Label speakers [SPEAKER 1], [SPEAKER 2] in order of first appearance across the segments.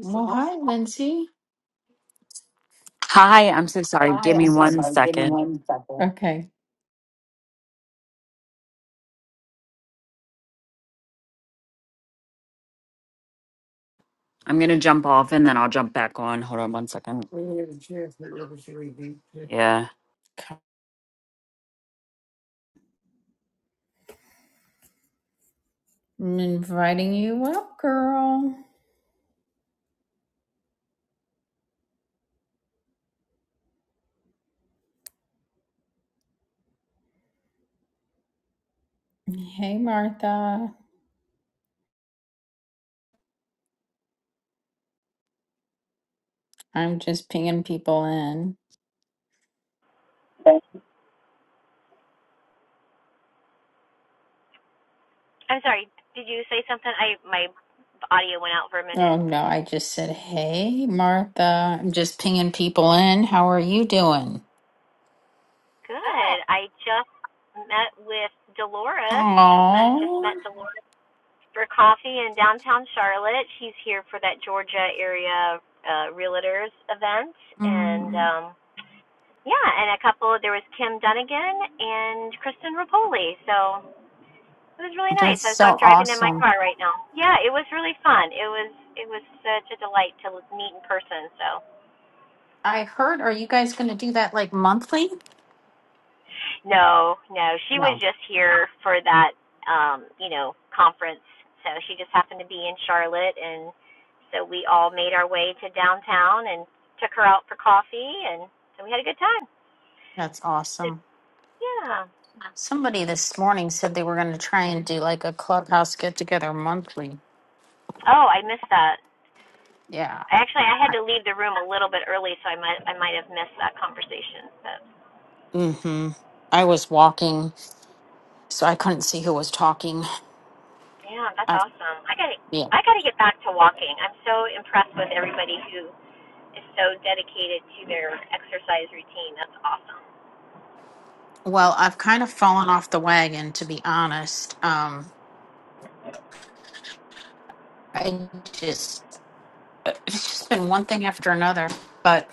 [SPEAKER 1] Well, hi, Lindsay.
[SPEAKER 2] Hi, I'm so sorry.
[SPEAKER 1] Hi,
[SPEAKER 2] Give me
[SPEAKER 1] I'm so
[SPEAKER 2] one
[SPEAKER 1] sorry. Give me
[SPEAKER 2] second.
[SPEAKER 1] one second. Okay.
[SPEAKER 2] I'm gonna jump off and then I'll jump back on. Hold on one second. Yeah.
[SPEAKER 1] I'm inviting you up, girl. Hey, Martha. I'm just pinging people in.
[SPEAKER 3] I'm sorry. Did you say something? I my audio went out for a minute.
[SPEAKER 1] Oh, no, I just said, hey, Martha. I'm just pinging people in. How are you doing?
[SPEAKER 3] Good. I just met with Dolores. We just
[SPEAKER 1] Oh,
[SPEAKER 3] met Dolores for coffee in downtown Charlotte. She's here for that Georgia area uh, realtors event, and um, yeah, and a couple. There was Kim Dunnigan and Kristen Rapoli. So it was really nice.
[SPEAKER 1] that's
[SPEAKER 3] So
[SPEAKER 1] so
[SPEAKER 3] I'm driving in my
[SPEAKER 1] awesome.
[SPEAKER 3] car right now. Yeah, it was really fun. It was it was such a delight to meet in person. So.
[SPEAKER 1] I heard, are you guys going to do that like monthly?
[SPEAKER 3] No, no, she was
[SPEAKER 1] No,
[SPEAKER 3] just here for that, um, you know, conference. So she just happened to be in Charlotte, and so we all made our way to downtown and took her out for coffee, and so we had a good time.
[SPEAKER 1] That's awesome.
[SPEAKER 3] Yeah.
[SPEAKER 1] Somebody this morning said they were going to try and do like a clubhouse get together monthly.
[SPEAKER 3] Oh, I missed that.
[SPEAKER 1] Yeah.
[SPEAKER 3] I actually I had to leave the room a little bit early, so I might I might have missed that conversation. But
[SPEAKER 1] Mm-hmm. I was walking, so I couldn't see who was talking.
[SPEAKER 3] yeah, that's
[SPEAKER 1] I,
[SPEAKER 3] awesome. I got to
[SPEAKER 1] yeah.
[SPEAKER 3] I got to get back to walking. I'm so impressed with everybody who is so dedicated to their exercise routine. That's awesome.
[SPEAKER 1] Well, I've kind of fallen off the wagon, to be honest. Um, I just it's just been one thing after another. But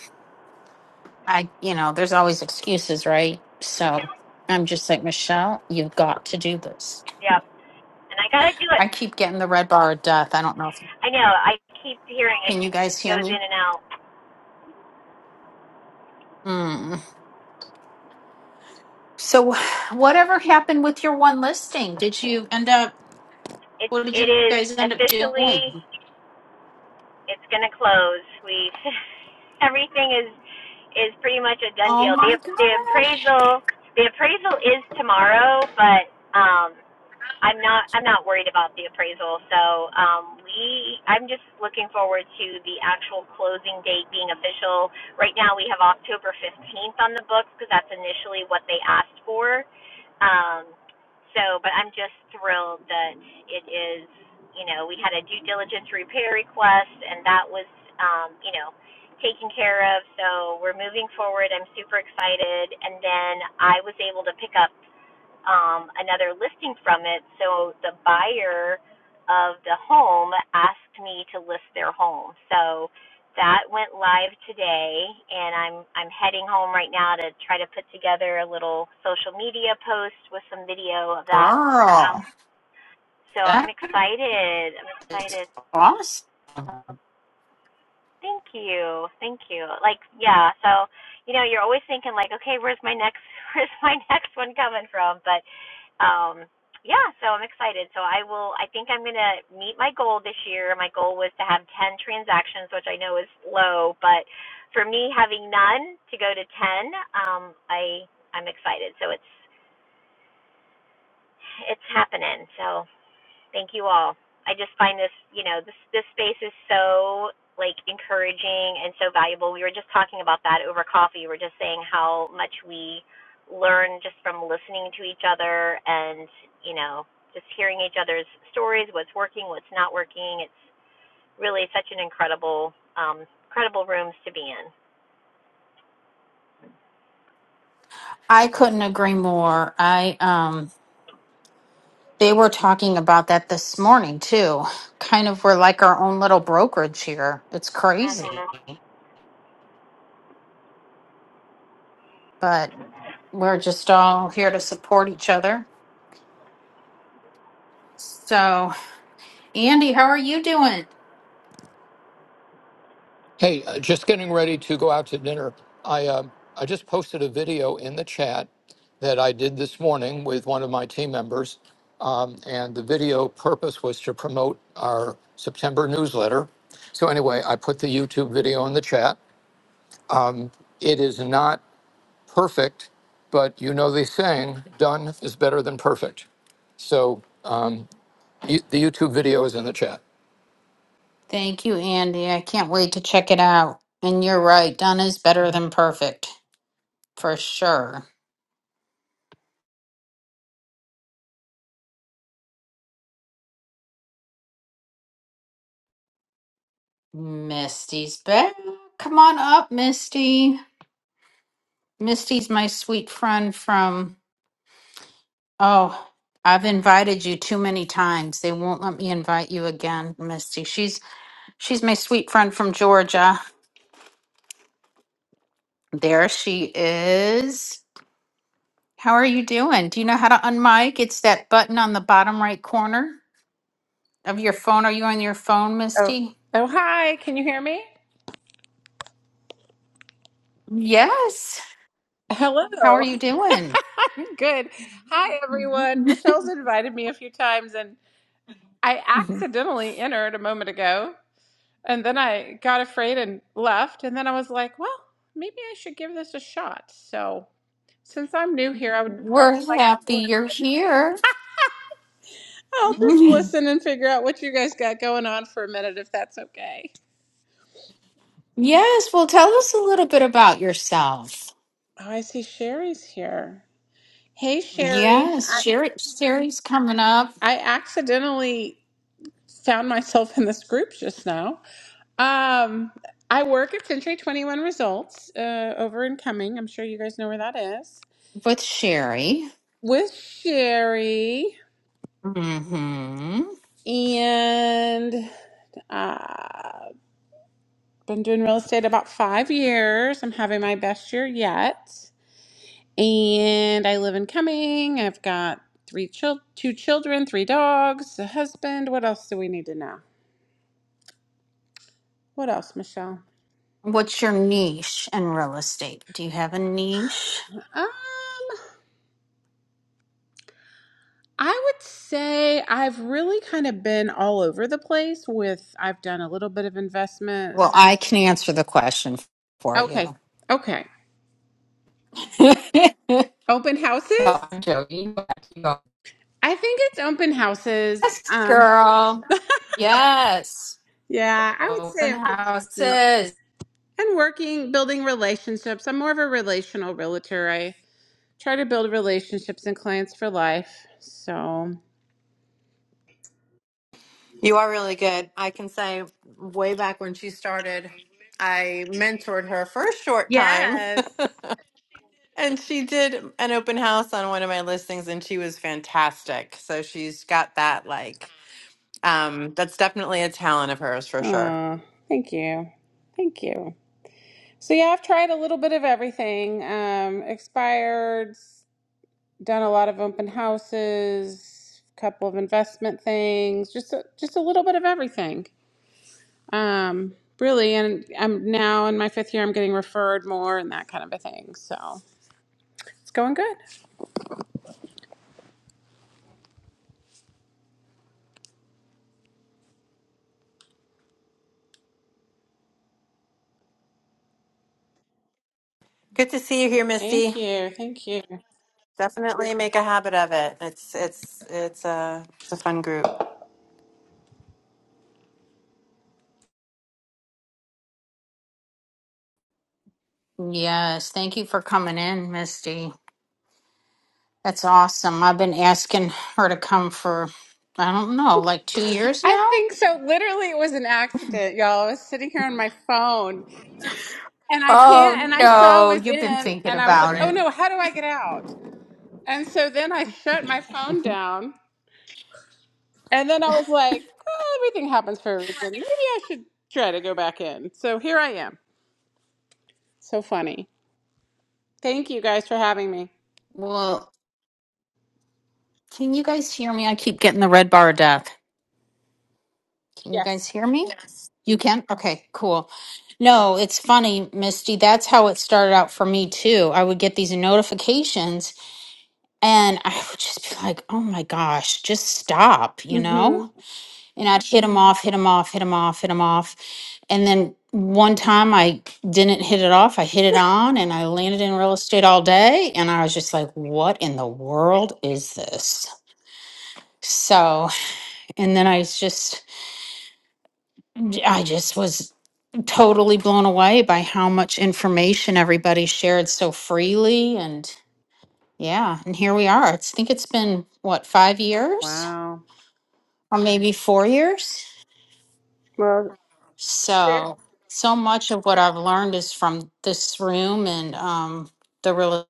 [SPEAKER 1] I, you know, there's always excuses, right? So I'm just like Michelle, you've got to do this.
[SPEAKER 3] Yep. And I gotta do it.
[SPEAKER 1] I keep getting the red bar of death. I don't know if
[SPEAKER 3] I know. I keep hearing it
[SPEAKER 1] can you guys hear
[SPEAKER 3] goes
[SPEAKER 1] me?
[SPEAKER 3] in and out.
[SPEAKER 1] Mm. So, whatever happened with your one listing? Did you end up,
[SPEAKER 3] It
[SPEAKER 1] what did
[SPEAKER 3] it
[SPEAKER 1] you
[SPEAKER 3] is
[SPEAKER 1] guys end up
[SPEAKER 3] officially.
[SPEAKER 1] doing?
[SPEAKER 3] It's gonna close. We everything is is pretty much a done
[SPEAKER 1] Oh
[SPEAKER 3] deal. The
[SPEAKER 1] my
[SPEAKER 3] the
[SPEAKER 1] gosh,
[SPEAKER 3] appraisal the appraisal is tomorrow, but um I'm not I'm not worried about the appraisal. So um, we I'm just looking forward to the actual closing date being official. Right now we have October 15th on the books because that's initially what they asked for. Um, so, but I'm just thrilled that it is. You know, we had a due diligence repair request, and that was um, you know taken care of. So we're moving forward. I'm super excited, and then I was able to pick up um, another listing from it. So the buyer of the home asked me to list their home. So that went live today, and I'm I'm heading home right now to try to put together a little social media post with some video of that. Um,
[SPEAKER 1] girl,
[SPEAKER 3] so I'm
[SPEAKER 1] that's
[SPEAKER 3] excited. I'm excited.
[SPEAKER 1] awesome.
[SPEAKER 3] Thank you. Thank you. Like, yeah, so, you know, you're always thinking like, okay, where's my next where's my next one coming from? But um yeah, so I'm excited. So I will I think I'm going to meet my goal this year. My goal was to have 10 transactions, which I know is low, but for me having none to go to 10, um I I'm excited. So it's it's happening. So Thank you all. I just find this, you know, this this space is so like encouraging and so valuable. We were just talking about that over coffee. We were just saying how much we learn just from listening to each other and, you know, just hearing each other's stories, what's working, what's not working. It's really such an incredible um incredible rooms to be in.
[SPEAKER 1] I couldn't agree more. I, um, they were talking about that this morning too. Kind of we're like our own little brokerage here. It's
[SPEAKER 3] Mhm.
[SPEAKER 1] crazy, but we're just all here to support each other. So, Andy, how are you doing?
[SPEAKER 4] Hey, uh, just getting ready to go out to dinner. I uh, I just posted a video in the chat that I did this morning with one of my team members, um, and the video purpose was to promote our September newsletter. So anyway, I put the YouTube video in the chat. It is not perfect, but you know the saying, done is better than perfect. So um, you, the YouTube video is in the chat.
[SPEAKER 1] Thank you, Andy. I can't wait to check it out. And you're right, done is better than perfect, for sure. Misty's back. Come on up, Misty. Misty's my sweet friend from, oh, I've invited you too many times. They won't let me invite you again, Misty. She's she's my sweet friend from Georgia. There she is. How are you doing? Do you know how to unmic? It's that button on the bottom right corner of your phone. Are you on your phone,
[SPEAKER 5] Oh,
[SPEAKER 1] Misty?
[SPEAKER 5] oh, hi. Can you hear me?
[SPEAKER 1] Yes.
[SPEAKER 5] Hello.
[SPEAKER 1] How are you doing?
[SPEAKER 5] I'm good. Hi, everyone. Michelle's invited me a few times, and I accidentally entered a moment ago, and then I got afraid and left, and then I was like, well, maybe I should give this a shot. So, since I'm new here, I would probably
[SPEAKER 1] We're
[SPEAKER 5] like to
[SPEAKER 1] happy you're
[SPEAKER 5] listen.
[SPEAKER 1] here.
[SPEAKER 5] I'll just
[SPEAKER 1] Mhm.
[SPEAKER 5] listen and figure out what you guys got going on for a minute, if that's okay.
[SPEAKER 1] Yes. Well, tell us a little bit about yourself.
[SPEAKER 5] Oh, I see Sherry's here. Hey, Sherry.
[SPEAKER 1] Yes.
[SPEAKER 5] I,
[SPEAKER 1] Sherry, Sherry's coming up
[SPEAKER 5] I accidentally found myself in this group just now. Um, I work at Century 21 Results uh, over in Cumming. I'm sure you guys know where that is.
[SPEAKER 1] with Sherry.
[SPEAKER 5] With Sherry,
[SPEAKER 1] hmm
[SPEAKER 5] and uh, been doing real estate about five years. I'm having my best year yet, and I live in Cumming. I've got three chil- two children, three dogs, a husband. What else do we need to know? What else, Michelle?
[SPEAKER 1] What's your niche in real estate? Do you have a niche?
[SPEAKER 5] Um, I would say I've really kind of been all over the place with I've done a little bit of investment.
[SPEAKER 1] Well, I
[SPEAKER 5] some-
[SPEAKER 1] can answer the question for you.
[SPEAKER 5] Okay. Okay.
[SPEAKER 1] no,
[SPEAKER 5] Open houses?
[SPEAKER 1] I'm joking. You go.
[SPEAKER 5] I think it's open houses.
[SPEAKER 1] Yes,
[SPEAKER 5] Um
[SPEAKER 1] girl. Yes.
[SPEAKER 5] yeah, I would say
[SPEAKER 1] Open
[SPEAKER 5] open houses.
[SPEAKER 1] houses.
[SPEAKER 5] And working, building relationships. I'm more of a relational realtor. I try to build relationships and clients for life. So,
[SPEAKER 6] You are really good. I can say way back when she started, I mentored her for a short time.
[SPEAKER 5] yes.
[SPEAKER 6] and she did an open house on one of my listings and she was fantastic. So she's got that like um that's definitely a talent of hers for sure.
[SPEAKER 5] Oh, thank you. Thank you. So yeah, I've tried a little bit of everything. Um, expired, done a lot of open houses, a couple of investment things, just a, just a little bit of everything. Um, really, and I'm now in my fifth year. I'm getting referred more and that kind of a thing. So it's going good.
[SPEAKER 6] Good to see you here,
[SPEAKER 5] Thank
[SPEAKER 6] Misty.
[SPEAKER 5] you, thank you.
[SPEAKER 6] Definitely make a habit of it. It's it's it's a it's a fun group.
[SPEAKER 1] Yes, thank you for coming in, Misty. That's awesome. I've been asking her to come for, I don't know, like two years
[SPEAKER 5] I
[SPEAKER 1] now?
[SPEAKER 5] think so. Literally, it was an accident, y'all. I was sitting here on my phone, and I pan and
[SPEAKER 1] Oh,
[SPEAKER 5] I saw
[SPEAKER 1] no,
[SPEAKER 5] was
[SPEAKER 1] you've been
[SPEAKER 5] in,
[SPEAKER 1] thinking
[SPEAKER 5] and I was like,
[SPEAKER 1] about
[SPEAKER 5] "Oh no,
[SPEAKER 1] it.
[SPEAKER 5] how do I get out?" And so then I shut my phone down. And then I was like, "Oh, everything happens for a reason. Maybe I should try to go back in. So here I am. So funny. Thank you guys for having me.
[SPEAKER 1] Well, can you guys hear me? I keep getting the red bar of death. Can you guys
[SPEAKER 5] Yes.
[SPEAKER 1] hear me? Yes. You can? Okay, cool. No, it's funny, Misty. That's how it started out for me, too. I would get these notifications And I would just be like, oh my gosh, just stop, you
[SPEAKER 5] Mm-hmm.
[SPEAKER 1] know? And I'd hit him off, hit him off, hit him off, hit him off. And then one time I didn't hit it off, I hit it on and I landed in real estate all day. And I was just like, what in the world is this? So, and then I was just, I just was totally blown away by how much information everybody shared so freely. And yeah, and here we are. It's, I think it's been what, five years?
[SPEAKER 5] Wow.
[SPEAKER 1] or maybe four years.
[SPEAKER 5] Well, sure.
[SPEAKER 1] So, so much of what I've learned is from this room and um, the real.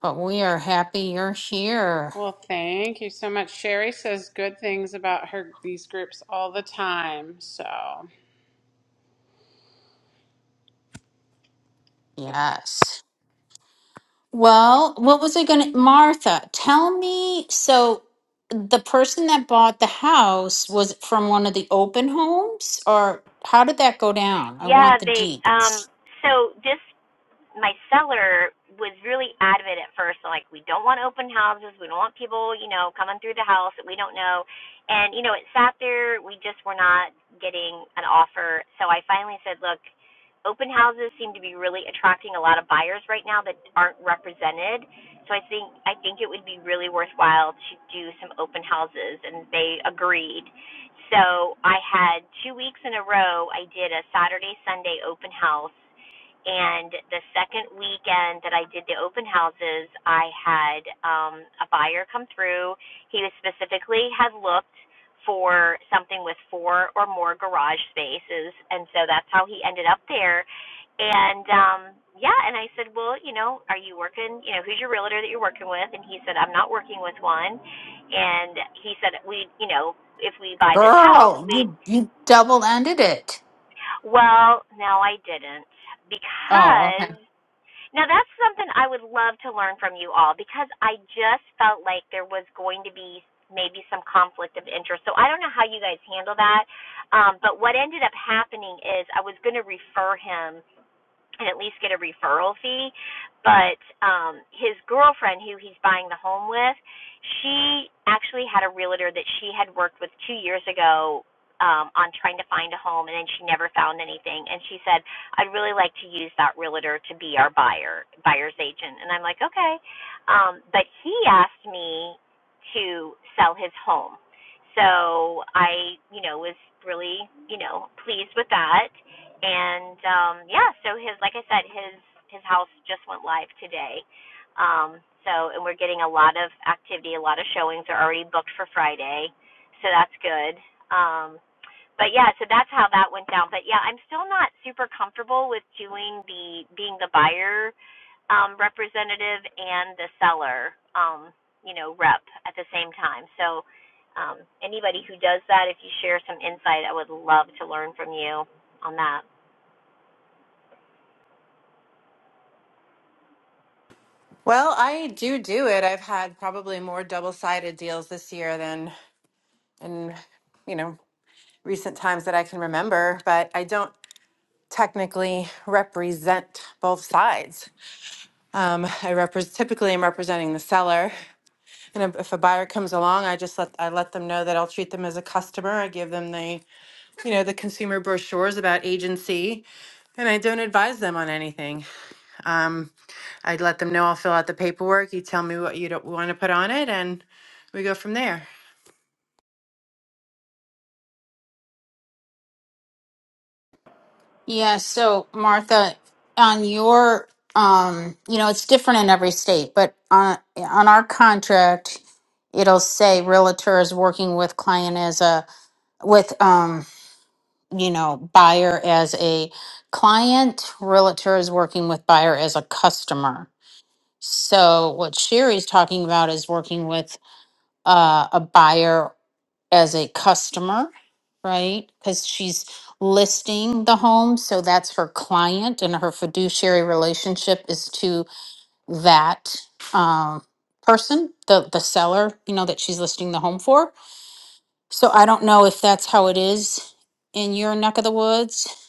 [SPEAKER 1] But we are happy you're here.
[SPEAKER 5] Well, thank you so much. Sherry says good things about her these groups all the time. So
[SPEAKER 1] Yes. Well, what was I going to, Martha? Tell me. So, the person that bought the house was it from one of the open homes, or how did that go down? I
[SPEAKER 3] Yeah,
[SPEAKER 1] want the
[SPEAKER 3] they um
[SPEAKER 1] deeds.
[SPEAKER 3] so this my seller was really adamant at first, like we don't want open houses, we don't want people, you know, coming through the house that we don't know, and you know it sat there. We just were not getting an offer, so I finally said, look, open houses seem to be really attracting a lot of buyers right now that aren't represented. So I think I think it would be really worthwhile to do some open houses and they agreed. So I had two weeks in a row I did a Saturday Sunday open house and the second weekend that I did the open houses, I had um, a buyer come through. He specifically had looked for something with four or more garage spaces, and so that's how he ended up there. And um, yeah, and I said, well, you know, are you working? You know, who's your realtor that you're working with? And he said, I'm not working with one. And he said, we, you know, if we buy this house,
[SPEAKER 1] Girl,
[SPEAKER 3] we.
[SPEAKER 1] you you double ended it.
[SPEAKER 3] Well, no, I didn't
[SPEAKER 1] Oh, okay.
[SPEAKER 3] because now that's something I would love to learn from you all because I just felt like there was going to be maybe some conflict of interest. So I don't know how you guys handle that. Um, but what ended up happening is I was going to refer him and at least get a referral fee. But um, his girlfriend, who he's buying the home with, she actually had a realtor that she had worked with two years ago um, on trying to find a home, and then she never found anything. And she said, "I'd really like to use that realtor to be our buyer, buyer's agent." And I'm like, "Okay," um, but he asked me to sell his home, so I, you know, was really, you know, pleased with that and um yeah so his like i said his his house just went live today um so and we're getting a lot of activity a lot of showings are already booked for friday so that's good um but yeah so that's how that went down but yeah i'm still not super comfortable with doing the being the buyer um representative and the seller um you know rep at the same time so um anybody who does that if you share some insight i would love to learn from you on that
[SPEAKER 6] Well, I do do it. I've had probably more double-sided deals this year than in you know recent times that I can remember, but I don't technically represent both sides. Um, I repres typically am representing the seller. And if if a buyer comes along, I just let I let them know that I'll treat them as a customer. I give them the, you know, the consumer brochures about agency, and I don't advise them on anything. Um, i let them know I'll fill out the paperwork. You tell me what you don't want to put on it, and we go from there.
[SPEAKER 1] Yeah, so Martha, on your um, you know, it's different in every state, but on on our contract, it'll say realtor is working with client as a with um, you know, buyer as a client, realtor is working with buyer as a customer. So what Sherry's talking about is working with uh, a buyer as a customer, right? Because she's listing the home. So that's her client, and her fiduciary relationship is to that um, person, the, the seller, you know, that she's listing the home for. So I don't know if that's how it is in your neck of the woods.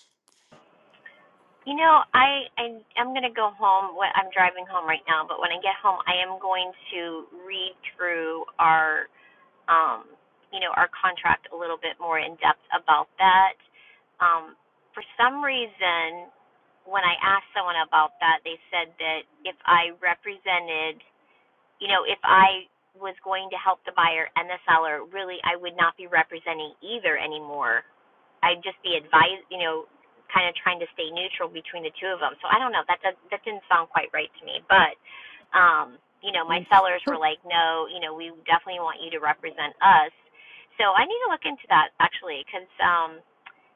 [SPEAKER 3] You know, I I am going to go home. I'm driving home right now, but when I get home, I am going to read through our um, you know, our contract a little bit more in depth about that. Um, for some reason, when I asked someone about that, they said that if I represented, you know, if I was going to help the buyer and the seller, really I would not be representing either anymore I'd just be advised, you know, kind of trying to stay neutral between the two of them. So I don't know. That does, that didn't sound quite right to me. But, um, you know, my
[SPEAKER 1] Mm.
[SPEAKER 3] sellers were
[SPEAKER 1] Who-
[SPEAKER 3] like, no, you know, we definitely want you to represent us. So I need to look into that actually, because um,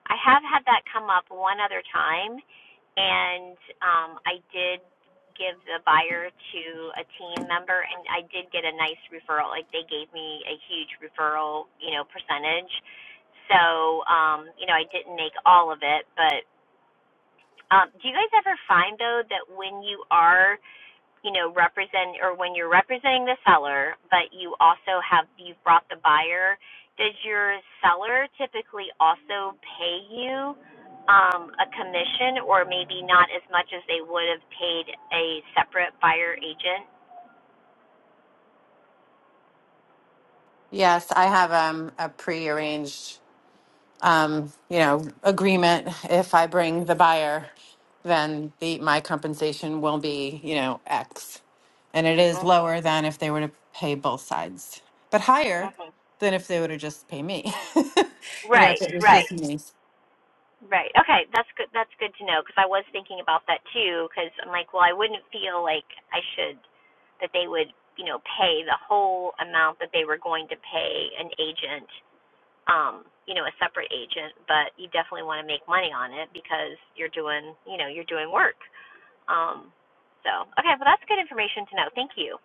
[SPEAKER 3] I have had that come up one other time, and um, I did give the buyer to a team member, and I did get a nice referral. Like they gave me a huge referral, you know, percentage. So, um, you know, I didn't make all of it, but um, do you guys ever find though that when you are you know represent or when you're representing the seller but you also have you've brought the buyer does your seller typically also pay you um, a commission or maybe not as much as they would have paid a separate buyer agent
[SPEAKER 6] Yes, I have um, a prearranged um, you know, agreement. If I bring the buyer, then the my compensation will be, you know, X, and it is
[SPEAKER 3] hmm
[SPEAKER 6] lower than if they were to pay both sides, but higher
[SPEAKER 3] hmm
[SPEAKER 6] than if they were to just pay me. you know, if
[SPEAKER 3] right
[SPEAKER 6] it was
[SPEAKER 3] right
[SPEAKER 6] just me.
[SPEAKER 3] right okay that's good that's good to know because i was thinking about that too because i'm like well i wouldn't feel like i should that they would you know pay the whole amount that they were going to pay an agent um, you know, a separate agent, but you definitely want to make money on it because you're doing, you know, you're doing work. Um, so, okay, well, that's good information to know. Thank you.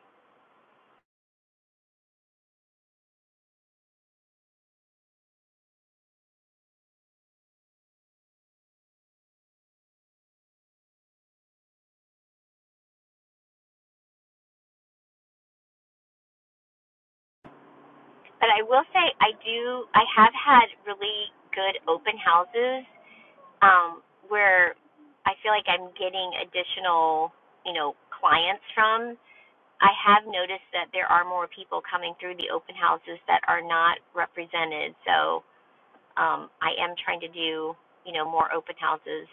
[SPEAKER 3] But I will say, I do, I have had really good open houses um, where I feel like I'm getting additional, you know, clients from. I have noticed that there are more people coming through the open houses that are not represented. So, Um, I am trying to do, you know, more open houses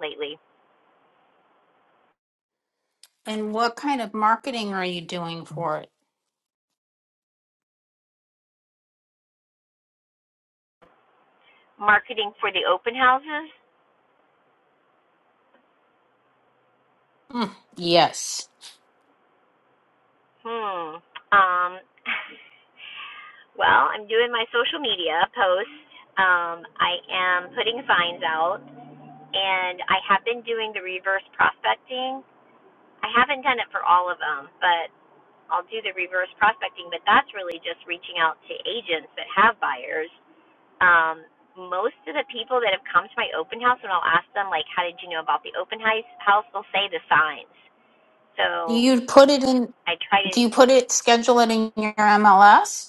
[SPEAKER 3] lately.
[SPEAKER 1] And what kind of marketing are you doing for it?
[SPEAKER 3] Marketing for the open houses?
[SPEAKER 1] Mm, yes.
[SPEAKER 3] Hmm. Um, well, I'm doing my social media posts. Um, I am putting signs out, and I have been doing the reverse prospecting. I haven't done it for all of them, but I'll do the reverse prospecting. But that's really just reaching out to agents that have buyers um, most of the people that have come to my open house, when I'll ask them, like, how did you know about the open house, they'll say the signs. So
[SPEAKER 1] You put it in,
[SPEAKER 3] I try to,
[SPEAKER 1] do you put it, schedule it in your MLS?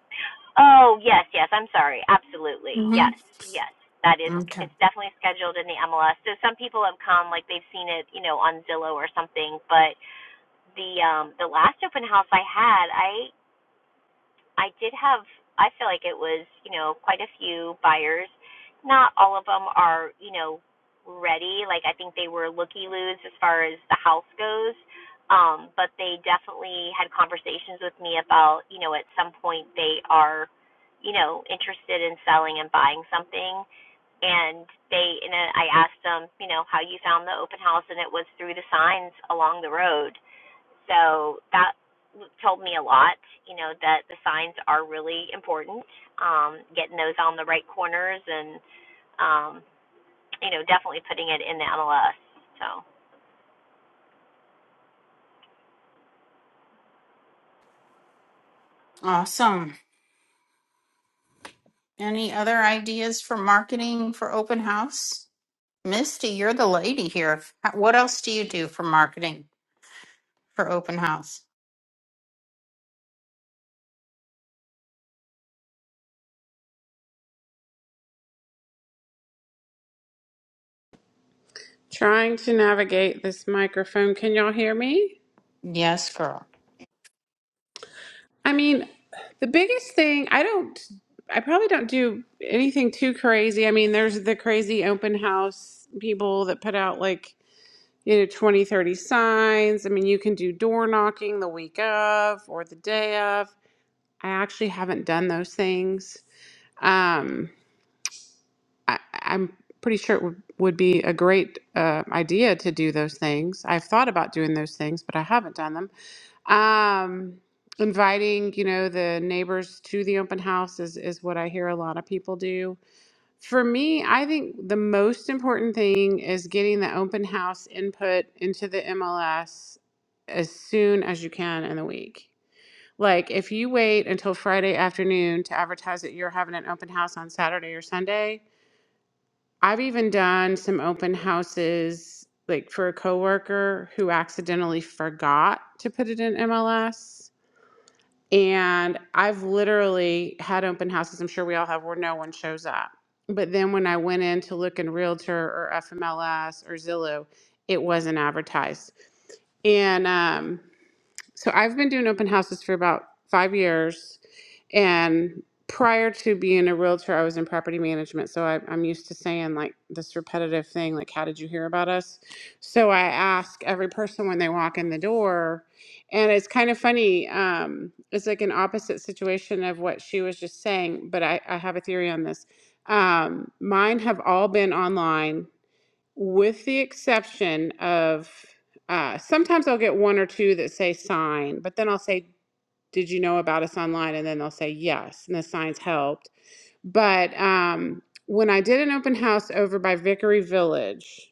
[SPEAKER 3] oh, yes, yes, I'm sorry. Absolutely. Yes,
[SPEAKER 1] Mm-hmm.
[SPEAKER 3] yes. That is,
[SPEAKER 1] Okay.
[SPEAKER 3] it's definitely scheduled in the MLS. So some people have come, like, they've seen it, you know, on Zillow or something. But the, um, the last open house I had, I I did have, I feel like it was, you know, quite a few buyers. Not all of them are, you know, ready. Like I think they were looky loos as far as the house goes. Um, but they definitely had conversations with me about, you know, at some point they are, you know, interested in selling and buying something. And they, and I asked them, you know, how you found the open house, and it was through the signs along the road. So that told me a lot, you know, that the signs are really important. Um, getting those on the right corners and, um, you know, definitely putting it in the MLS. So
[SPEAKER 1] Awesome. Any other ideas for marketing for open house? Misty, you're the lady here. H- What else do you do for marketing for open house?
[SPEAKER 5] trying to navigate this microphone. Can y'all hear me?
[SPEAKER 1] Yes, girl.
[SPEAKER 5] I mean, the biggest thing I don't I probably don't do anything too crazy. I mean, there's the crazy open house people that put out like, you know, 20, 30 signs. I mean, you can do door knocking the week of or the day of. I actually haven't done those things. Um, I, I'm pretty sure it would, would be a great uh, idea to do those things. I've thought about doing those things, but I haven't done them. Um, inviting, you know, the neighbors to the open house is is what I hear a lot of people do. For me, I think the most important thing is getting the open house input into the MLS as soon as you can in the week. Like if you wait until Friday afternoon to advertise that you're having an open house on Saturday or Sunday, I've even done some open houses like for a coworker who accidentally forgot to put it in MLS and I've literally had open houses, I'm sure we all have, where no one shows up. But then when I went in to look in Realtor or FMLS or Zillow, it wasn't advertised. And um, so I've been doing open houses for about five years. And prior to being a realtor, I was in property management. So I, I'm used to saying like this repetitive thing, like, how did you hear about us? So I ask every person when they walk in the door. And it's kind of funny. Um, it's like an opposite situation of what she was just saying, but I, I have a theory on this. Um, mine have all been online with the exception of uh, sometimes I'll get one or two that say sign, but then I'll say, Did you know about us online? And then they'll say yes, and the signs helped. But um, when I did an open house over by Vickery Village,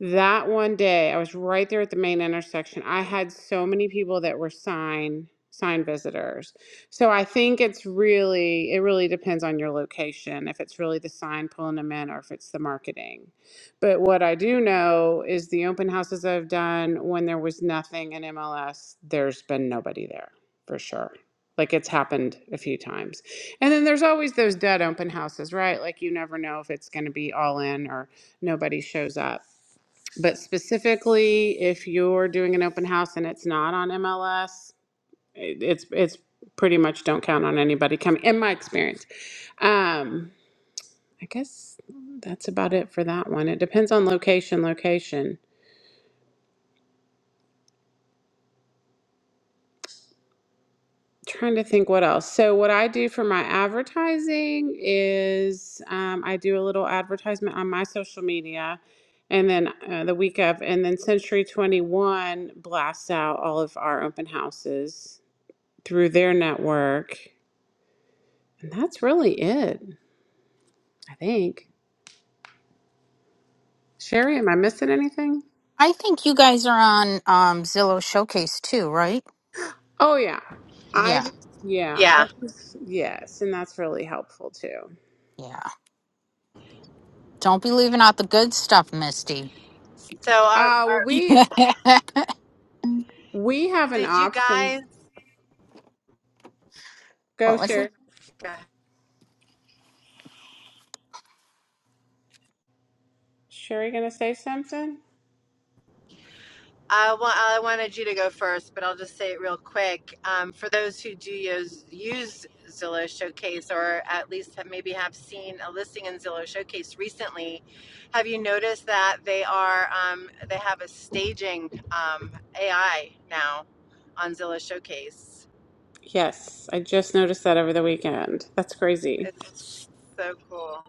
[SPEAKER 5] that one day, I was right there at the main intersection. I had so many people that were sign sign visitors. So I think it's really it really depends on your location if it's really the sign pulling them in or if it's the marketing. But what I do know is the open houses I've done when there was nothing in MLS, there's been nobody there for sure. Like it's happened a few times. And then there's always those dead open houses, right? Like you never know if it's going to be all in or nobody shows up. But specifically, if you're doing an open house and it's not on MLS, it, it's it's pretty much don't count on anybody coming. In my experience, um, I guess that's about it for that one. It depends on location. Location. Trying to think what else. So what I do for my advertising is um, I do a little advertisement on my social media. And then uh, the week of, and then Century 21 blasts out all of our open houses through their network. And that's really it, I think. Sherry, am I missing anything?
[SPEAKER 1] I think you guys are on um, Zillow Showcase too, right?
[SPEAKER 5] Oh yeah. I
[SPEAKER 1] Yeah,
[SPEAKER 5] yeah,
[SPEAKER 6] Yeah.
[SPEAKER 5] I just yes, and that's really helpful too.
[SPEAKER 1] yeah. Don't be leaving out the good stuff, Misty.
[SPEAKER 6] So, are,
[SPEAKER 5] Uh
[SPEAKER 6] are
[SPEAKER 5] well, we
[SPEAKER 1] what
[SPEAKER 5] we have an
[SPEAKER 6] did you
[SPEAKER 5] option.
[SPEAKER 6] guys?
[SPEAKER 5] Go
[SPEAKER 1] was it?
[SPEAKER 5] Sherry. Sherry gonna say something?
[SPEAKER 6] I, wa- I wanted you to go first, but I'll just say it real quick. Um, for those who do use, use Zillow Showcase or at least have, maybe have seen a listing in Zillow Showcase recently, have you noticed that they are um, they have a staging um, AI now on Zillow Showcase?
[SPEAKER 5] Yes, I just noticed that over the weekend. That's crazy.
[SPEAKER 6] It's so cool.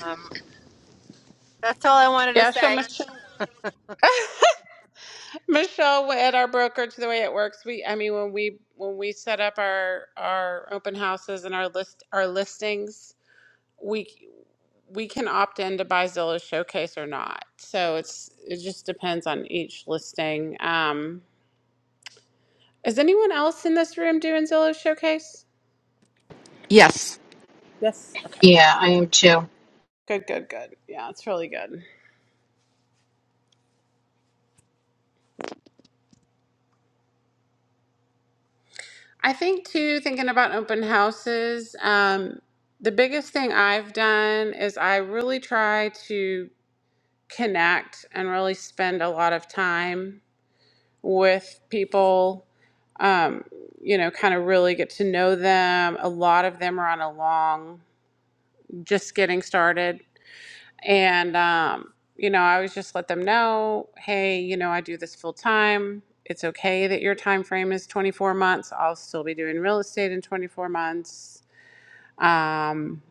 [SPEAKER 6] Um, that's all I wanted to
[SPEAKER 5] Yeah, so
[SPEAKER 6] say.
[SPEAKER 5] Michelle, Michelle at our brokerage, the way it works, we I mean when we when we set up our our open houses and our list our listings, we we can opt in to buy Zillow Showcase or not. So it's it just depends on each listing. Um, is anyone else in this room doing Zillow Showcase?
[SPEAKER 7] Yes.
[SPEAKER 5] Yes. Okay.
[SPEAKER 1] Yeah, I am too.
[SPEAKER 5] Good. Good. Good. good. Yeah, it's really good. I think too. Thinking about open houses, um, the biggest thing I've done is I really try to connect and really spend a lot of time with people, um, you know, kind of really get to know them. A lot of them are on a long, just getting started. And, um, you know, I always just let them know, hey, you know, I do this full time. It's okay that your time frame is 24 months. I'll still be doing real estate in 24 months. Um,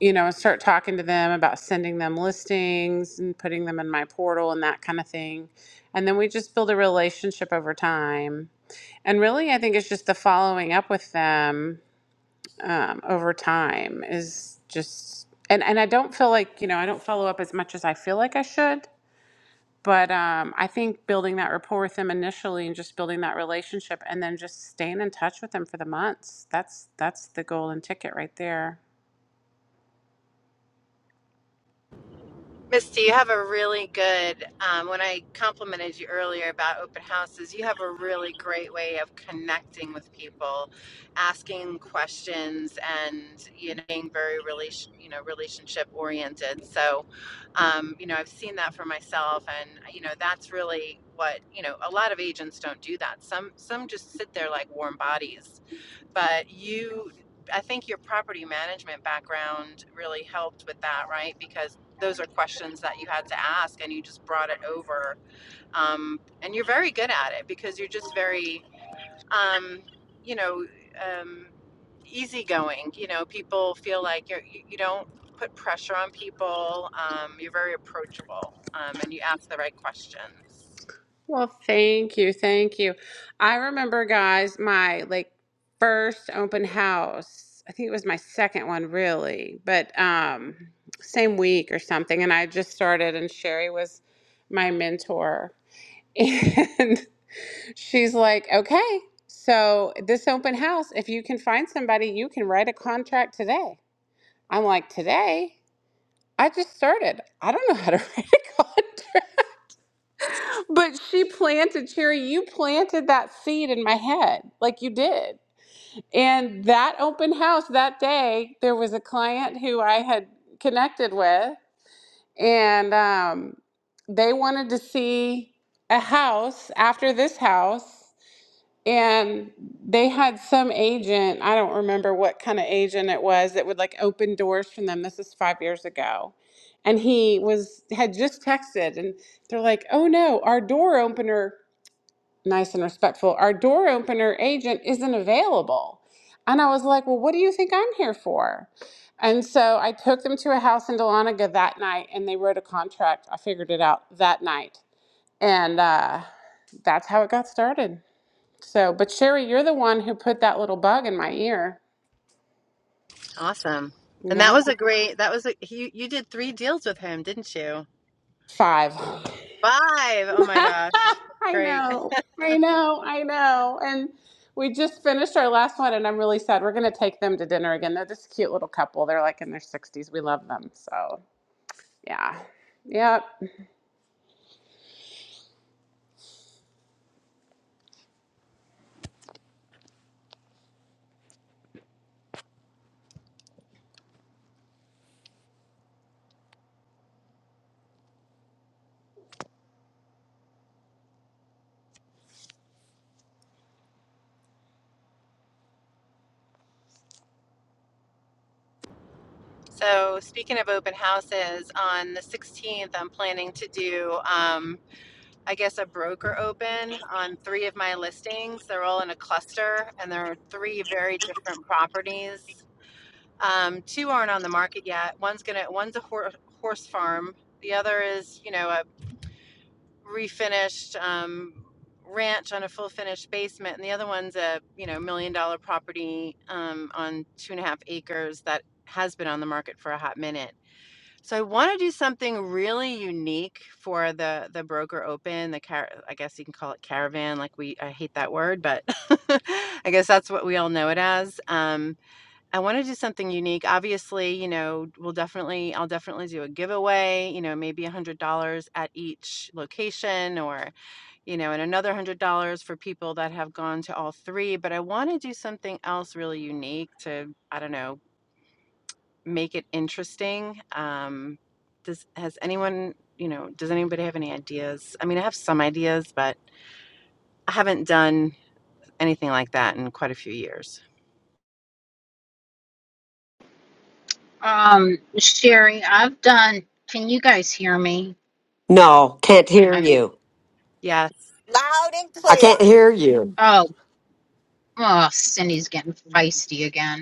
[SPEAKER 5] you know, and start talking to them about sending them listings and putting them in my portal and that kind of thing. And then we just build a relationship over time and really, I think it's just the following up with them um, over time is just, and, and I don't feel like, you know, I don't follow up as much as I feel like I should. But um, I think building that rapport with them initially and just building that relationship and then just staying in touch with them for the months, that's that's the golden ticket right there.
[SPEAKER 6] Misty, you have a really good, um, when I complimented you earlier about open houses, you have a really great way of connecting with people, asking questions and, you know, being very relation, you know, relationship oriented. So, um, you know, I've seen that for myself and, you know, that's really what, you know, a lot of agents don't do that. Some, some just sit there like warm bodies but you i think your property management background really helped with that right because those are questions that you had to ask and you just brought it over um, and you're very good at it because you're just very um, you know um, easygoing you know people feel like you're, you you don't put pressure on people um, you're very approachable um, and you ask the right questions
[SPEAKER 5] Well, thank you. Thank you. I remember, guys, my like first open house. I think it was my second one, really, but um, same week or something. And I just started, and Sherry was my mentor. And she's like, okay, so this open house, if you can find somebody, you can write a contract today. I'm like, today? I just started. I don't know how to write a contract. But she planted, Cherry, you planted that seed in my head, like you did. And that open house that day, there was a client who I had connected with, and um, they wanted to see a house after this house. And they had some agent, I don't remember what kind of agent it was, that would like open doors for them. This is five years ago. And he was had just texted and they're like, oh no, our door opener nice and respectful, our door opener agent isn't available. And I was like, well, what do you think I'm here for? And so I took them to a house in Dahlonega that night and they wrote a contract. I figured it out that night. And uh, that's how it got started. So, but Sherry, you're the one who put that little bug in my ear.
[SPEAKER 6] Awesome. And that
[SPEAKER 5] Yeah.
[SPEAKER 6] was a great, that was a, you, you did three deals with him, didn't you?
[SPEAKER 5] Five.
[SPEAKER 6] Five. Oh my gosh.
[SPEAKER 5] I
[SPEAKER 6] Great.
[SPEAKER 5] know. I know. I know. And we just finished our last one, and I'm really sad. We're going to take them to dinner again. They're just a cute little couple. They're like in their 60s. We love them. So, yeah. Yep.
[SPEAKER 6] So, speaking of open houses, on the 16th, I'm planning to do, um, I guess, a broker open on three of my listings. They're all in a cluster and there are three very different properties. Um, two aren't on the market yet. One's gonna, one's a hor- horse farm. The other is, you know, a. refinished um, ranch on a full finished basement, and the other one's a you know million dollar property um, on two and a half acres that has been on the market for a hot minute. So I want to do something really unique for the the broker open the car. I guess you can call it caravan. Like we, I hate that word, but I guess that's what we all know it as. Um, I wanna do something unique. Obviously, you know, we'll definitely I'll definitely do a giveaway, you know, maybe $100 at each location or, you know, and another $100 for people that have gone to all three, but I wanna do something else really unique to, I don't know, make it interesting. Um, does has anyone, you know, does anybody have any ideas? I mean, I have some ideas, but I haven't done anything like that in quite a few years.
[SPEAKER 1] Um, Sherry, I've done. Can you guys hear me?
[SPEAKER 8] No, can't hear
[SPEAKER 1] I mean,
[SPEAKER 8] you.
[SPEAKER 6] Yes.
[SPEAKER 9] Loud and
[SPEAKER 8] I can't
[SPEAKER 9] clear.
[SPEAKER 8] hear you.
[SPEAKER 1] oh, oh, Cindy's getting feisty again.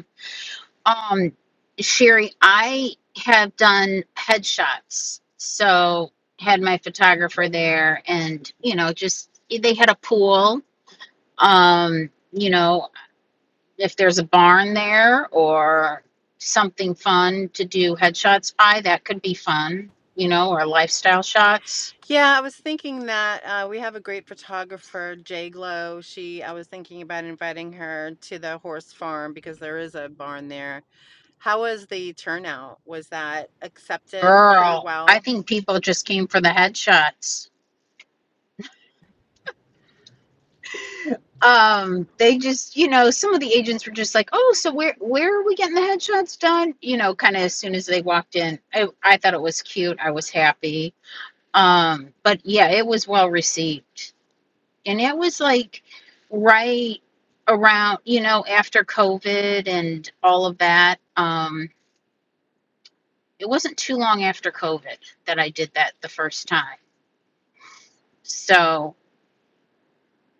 [SPEAKER 1] Um, Sherry, I have done headshots. So had my photographer there and, you know, just they had a pool. Um, you know, if there's a barn there or something fun to do headshots by, that could be fun, you know, or lifestyle shots.
[SPEAKER 6] Yeah, I was thinking that uh, we have a great photographer, Jay Glow. She, I was thinking about inviting her to the horse farm because there is a barn there. How was the turnout? Was that accepted pretty
[SPEAKER 1] Girl, I
[SPEAKER 6] well?
[SPEAKER 1] think people just came for the headshots. um they just you know some of the agents were just like oh so where where are we getting the headshots done you know kind of as soon as they walked in I, I thought it was cute i was happy um but yeah it was well received and it was like right around you know after covid and all of that um it wasn't too long after covid that i did that the first time so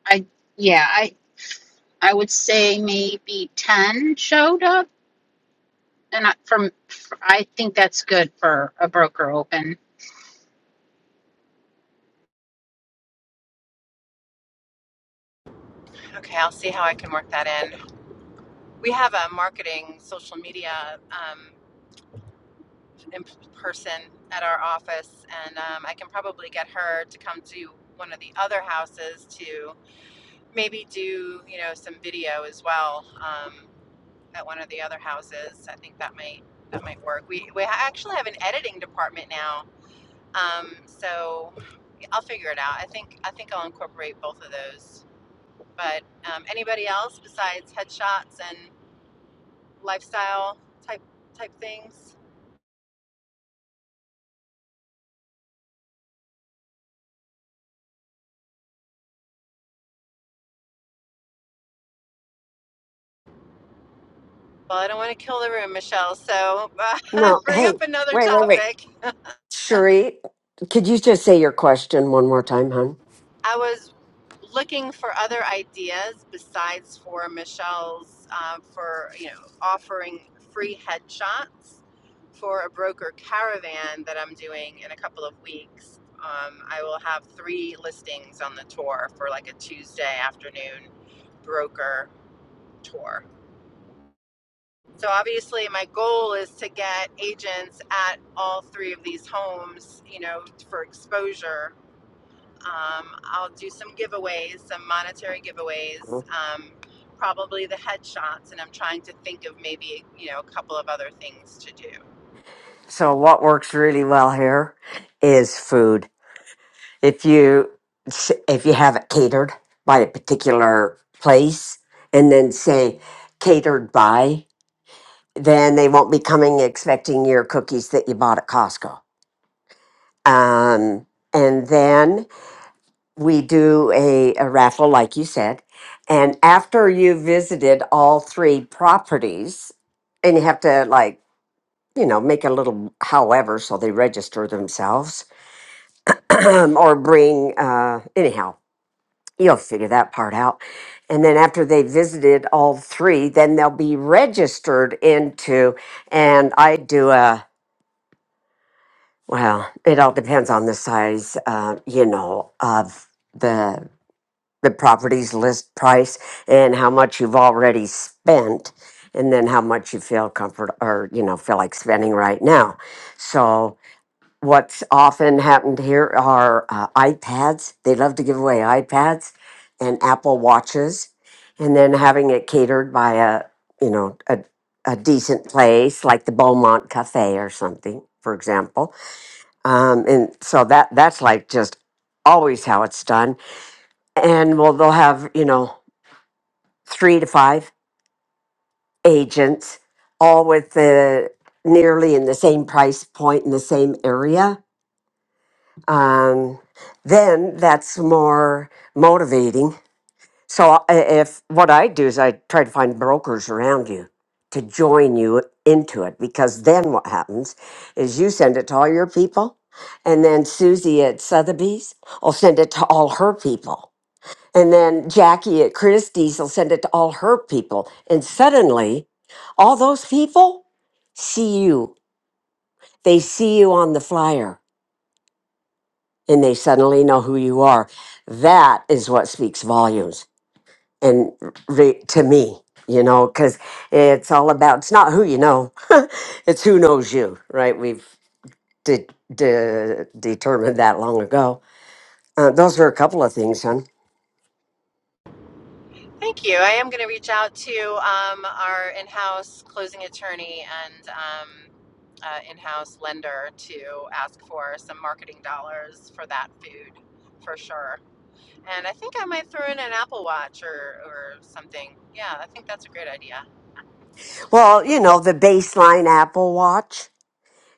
[SPEAKER 1] i yeah i i would say maybe 10 showed up and I, from I think that's good for a broker open.
[SPEAKER 6] Okay, I'll see how I can work that in. We have a marketing social media um, in person at our office, and um, I can probably get her to come to one of the other houses to maybe do, you know, some video as well. Um, at one of the other houses. I think that might that might work. We we actually have an editing department now, um, so I'll figure it out. I think I think I'll incorporate both of those. But um, anybody else besides headshots and lifestyle type type things? Well, I don't want to kill the room, Michelle. So uh,
[SPEAKER 8] No,
[SPEAKER 6] bring
[SPEAKER 8] hey,
[SPEAKER 6] up another
[SPEAKER 8] wait, wait, wait.
[SPEAKER 6] topic.
[SPEAKER 8] Sheree, could you just say your question one more time, hon?
[SPEAKER 6] I was looking for other ideas besides for Michelle's um, for you know offering free headshots for a broker caravan that I'm doing in a couple of weeks. Um, I will have three listings on the tour for like a Tuesday afternoon broker tour. So obviously, my goal is to get agents at all three of these homes, you know, for exposure um, I'll do some giveaways, some monetary giveaways, um, probably the headshots, and I'm trying to think of maybe you know a couple of other things to do.
[SPEAKER 8] So, what works really well here is food. if you if you have it catered by a particular place and then say catered by then they won't be coming expecting your cookies that you bought at costco um, and then we do a, a raffle like you said and after you visited all three properties and you have to like you know make a little however so they register themselves or bring uh, anyhow You'll figure that part out. And then after they visited all three, then they'll be registered into, and I do a, well, it all depends on the size, uh, you know, of the, the property's list price and how much you've already spent and then how much you feel comfort or, you know, feel like spending right now. So what's often happened here are uh, iPads. They love to give away iPads and Apple watches, and then having it catered by a you know a a decent place like the Beaumont Cafe or something, for example. Um, and so that that's like just always how it's done. And well, they'll have you know three to five agents, all with the nearly in the same price point in the same area um, then that's more motivating. So I- if what I do is I try to find brokers around you to join you into it, because then what happens is you send it to all your people, and then Susie at Sotheby's will send it to all her people, and then Jackie at Christie's will send it to all her people, and suddenly all those people see you. They see you on the flyer and they suddenly know who you are. That is what speaks volumes, and re- to me, you know, because it's all about it's not who you know, it's who knows you, right? We've de- de- determined that long ago. Uh, those are a couple of things, hon.
[SPEAKER 6] Thank you. I am going to reach out to um, our in-house closing attorney and um, uh, in-house lender to ask for some marketing dollars for that food for sure. And I think I might throw in an Apple Watch or or something. Yeah, I think that's a great idea.
[SPEAKER 8] Well, you know, the baseline Apple Watch.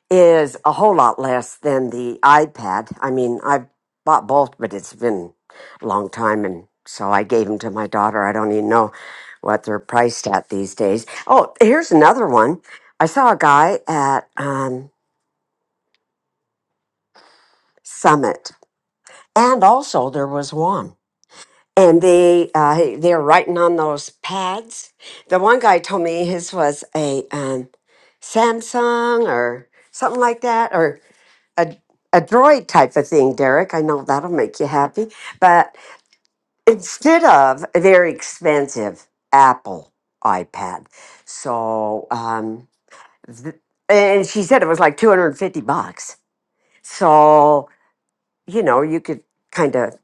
[SPEAKER 8] is a whole lot less than the iPad. I mean, I've bought both, but it's been a long time, and so I gave them to my daughter. I don't even know what they're priced at these days. Oh, here's another one. I saw a guy at um, Summit, and also there was one. And they uh, hey, they're writing on those pads. The one guy told me his was a um, Samsung or something like that, or a, a droid type of thing, Derek. I know that'll make you happy. But instead of a very expensive Apple iPad, so um, th- and she said it was like two hundred and fifty bucks. So you know you could kind of.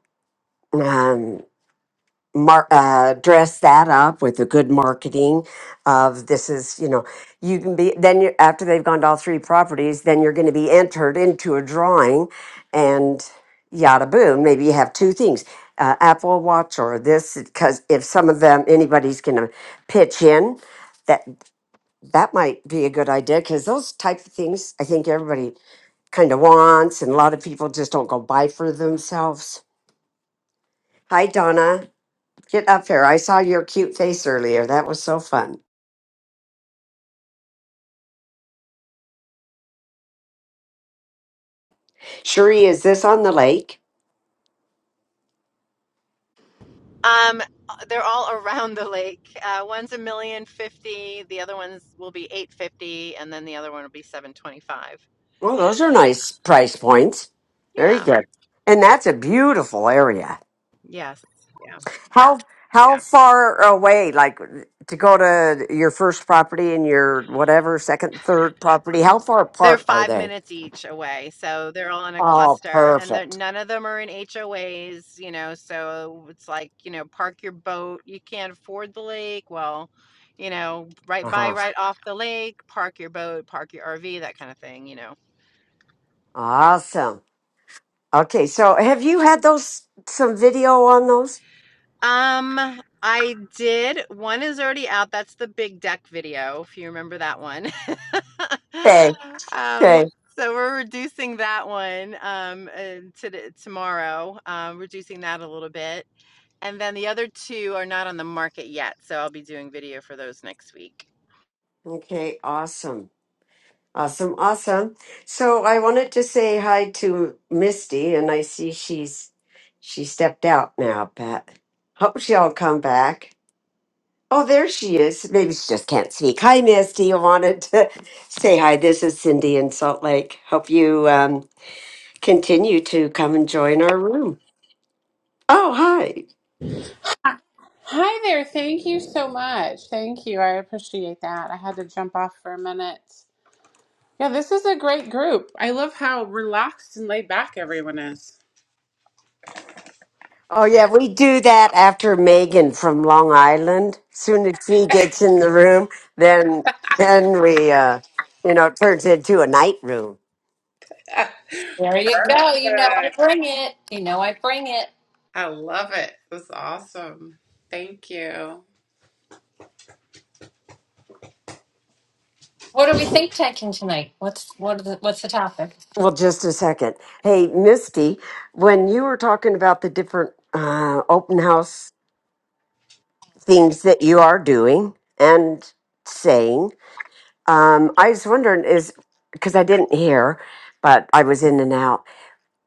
[SPEAKER 8] mar- uh, dress that up with a good marketing of this is you know you can be then you after they've gone to all three properties then you're going to be entered into a drawing and yada boom maybe you have two things uh, apple watch or this because if some of them anybody's going to pitch in that that might be a good idea because those type of things i think everybody kind of wants and a lot of people just don't go buy for themselves hi donna Get up here. I saw your cute face earlier. That was so fun. Cherie, is this on the lake?
[SPEAKER 6] Um, they're all around the lake. Uh, one's a million fifty. The other ones will be eight fifty, and then the other one will be seven twenty five.
[SPEAKER 8] Well, those are nice price points. Very
[SPEAKER 6] Yeah.
[SPEAKER 8] good. And that's a beautiful area.
[SPEAKER 6] Yes. Yeah.
[SPEAKER 8] How how Yeah. far away, like to go to your first property and your whatever second, third property? How far
[SPEAKER 6] They're
[SPEAKER 8] apart are
[SPEAKER 6] five
[SPEAKER 8] they?
[SPEAKER 6] minutes each away, so they're all in a
[SPEAKER 8] Oh,
[SPEAKER 6] cluster, and they're,
[SPEAKER 8] perfect.
[SPEAKER 6] none of them are in HOAs. You know, so it's like you know, park your boat. You can't afford the lake. Well, you know, right
[SPEAKER 8] Uh
[SPEAKER 6] by,
[SPEAKER 8] huh.
[SPEAKER 6] right off the lake. Park your boat. Park your RV. That kind of thing. You know.
[SPEAKER 8] Awesome. Okay, so have you had those some video on those?
[SPEAKER 6] Um, I did. One is already out. That's the big deck video, if you remember that one.
[SPEAKER 8] Okay.
[SPEAKER 6] Um,
[SPEAKER 8] Okay.
[SPEAKER 6] so we're reducing that one um uh, to the, tomorrow. Um, reducing that a little bit. And then the other two are not on the market yet, so I'll be doing video for those next week.
[SPEAKER 8] Okay. Awesome. Awesome, awesome. So I wanted to say hi to Misty, and I see she's she stepped out now, but hope she'll come back. Oh, there she is. Maybe she just can't speak. Hi, Misty. I wanted to say hi. This is Cindy in Salt Lake. Hope you um, continue to come and join our room. Oh, hi.
[SPEAKER 5] Hi there. Thank you so much. Thank you. I appreciate that. I had to jump off for a minute. Yeah, this is a great group. I love how relaxed and laid back everyone is.
[SPEAKER 8] Oh yeah, we do that after Megan from Long Island. Soon as she gets in the room, then then we uh you know, it turns into a night room.
[SPEAKER 10] There you go. You know I
[SPEAKER 5] Perfect.
[SPEAKER 10] bring it. You know I bring it.
[SPEAKER 5] I love it. It was awesome. Thank you.
[SPEAKER 10] What are we think tanking tonight? What's what? Are the, what's the topic?
[SPEAKER 8] Well, just a second. Hey, Misty, when you were talking about the different uh open house things that you are doing and saying, um, I was wondering is because I didn't hear, but I was in and out.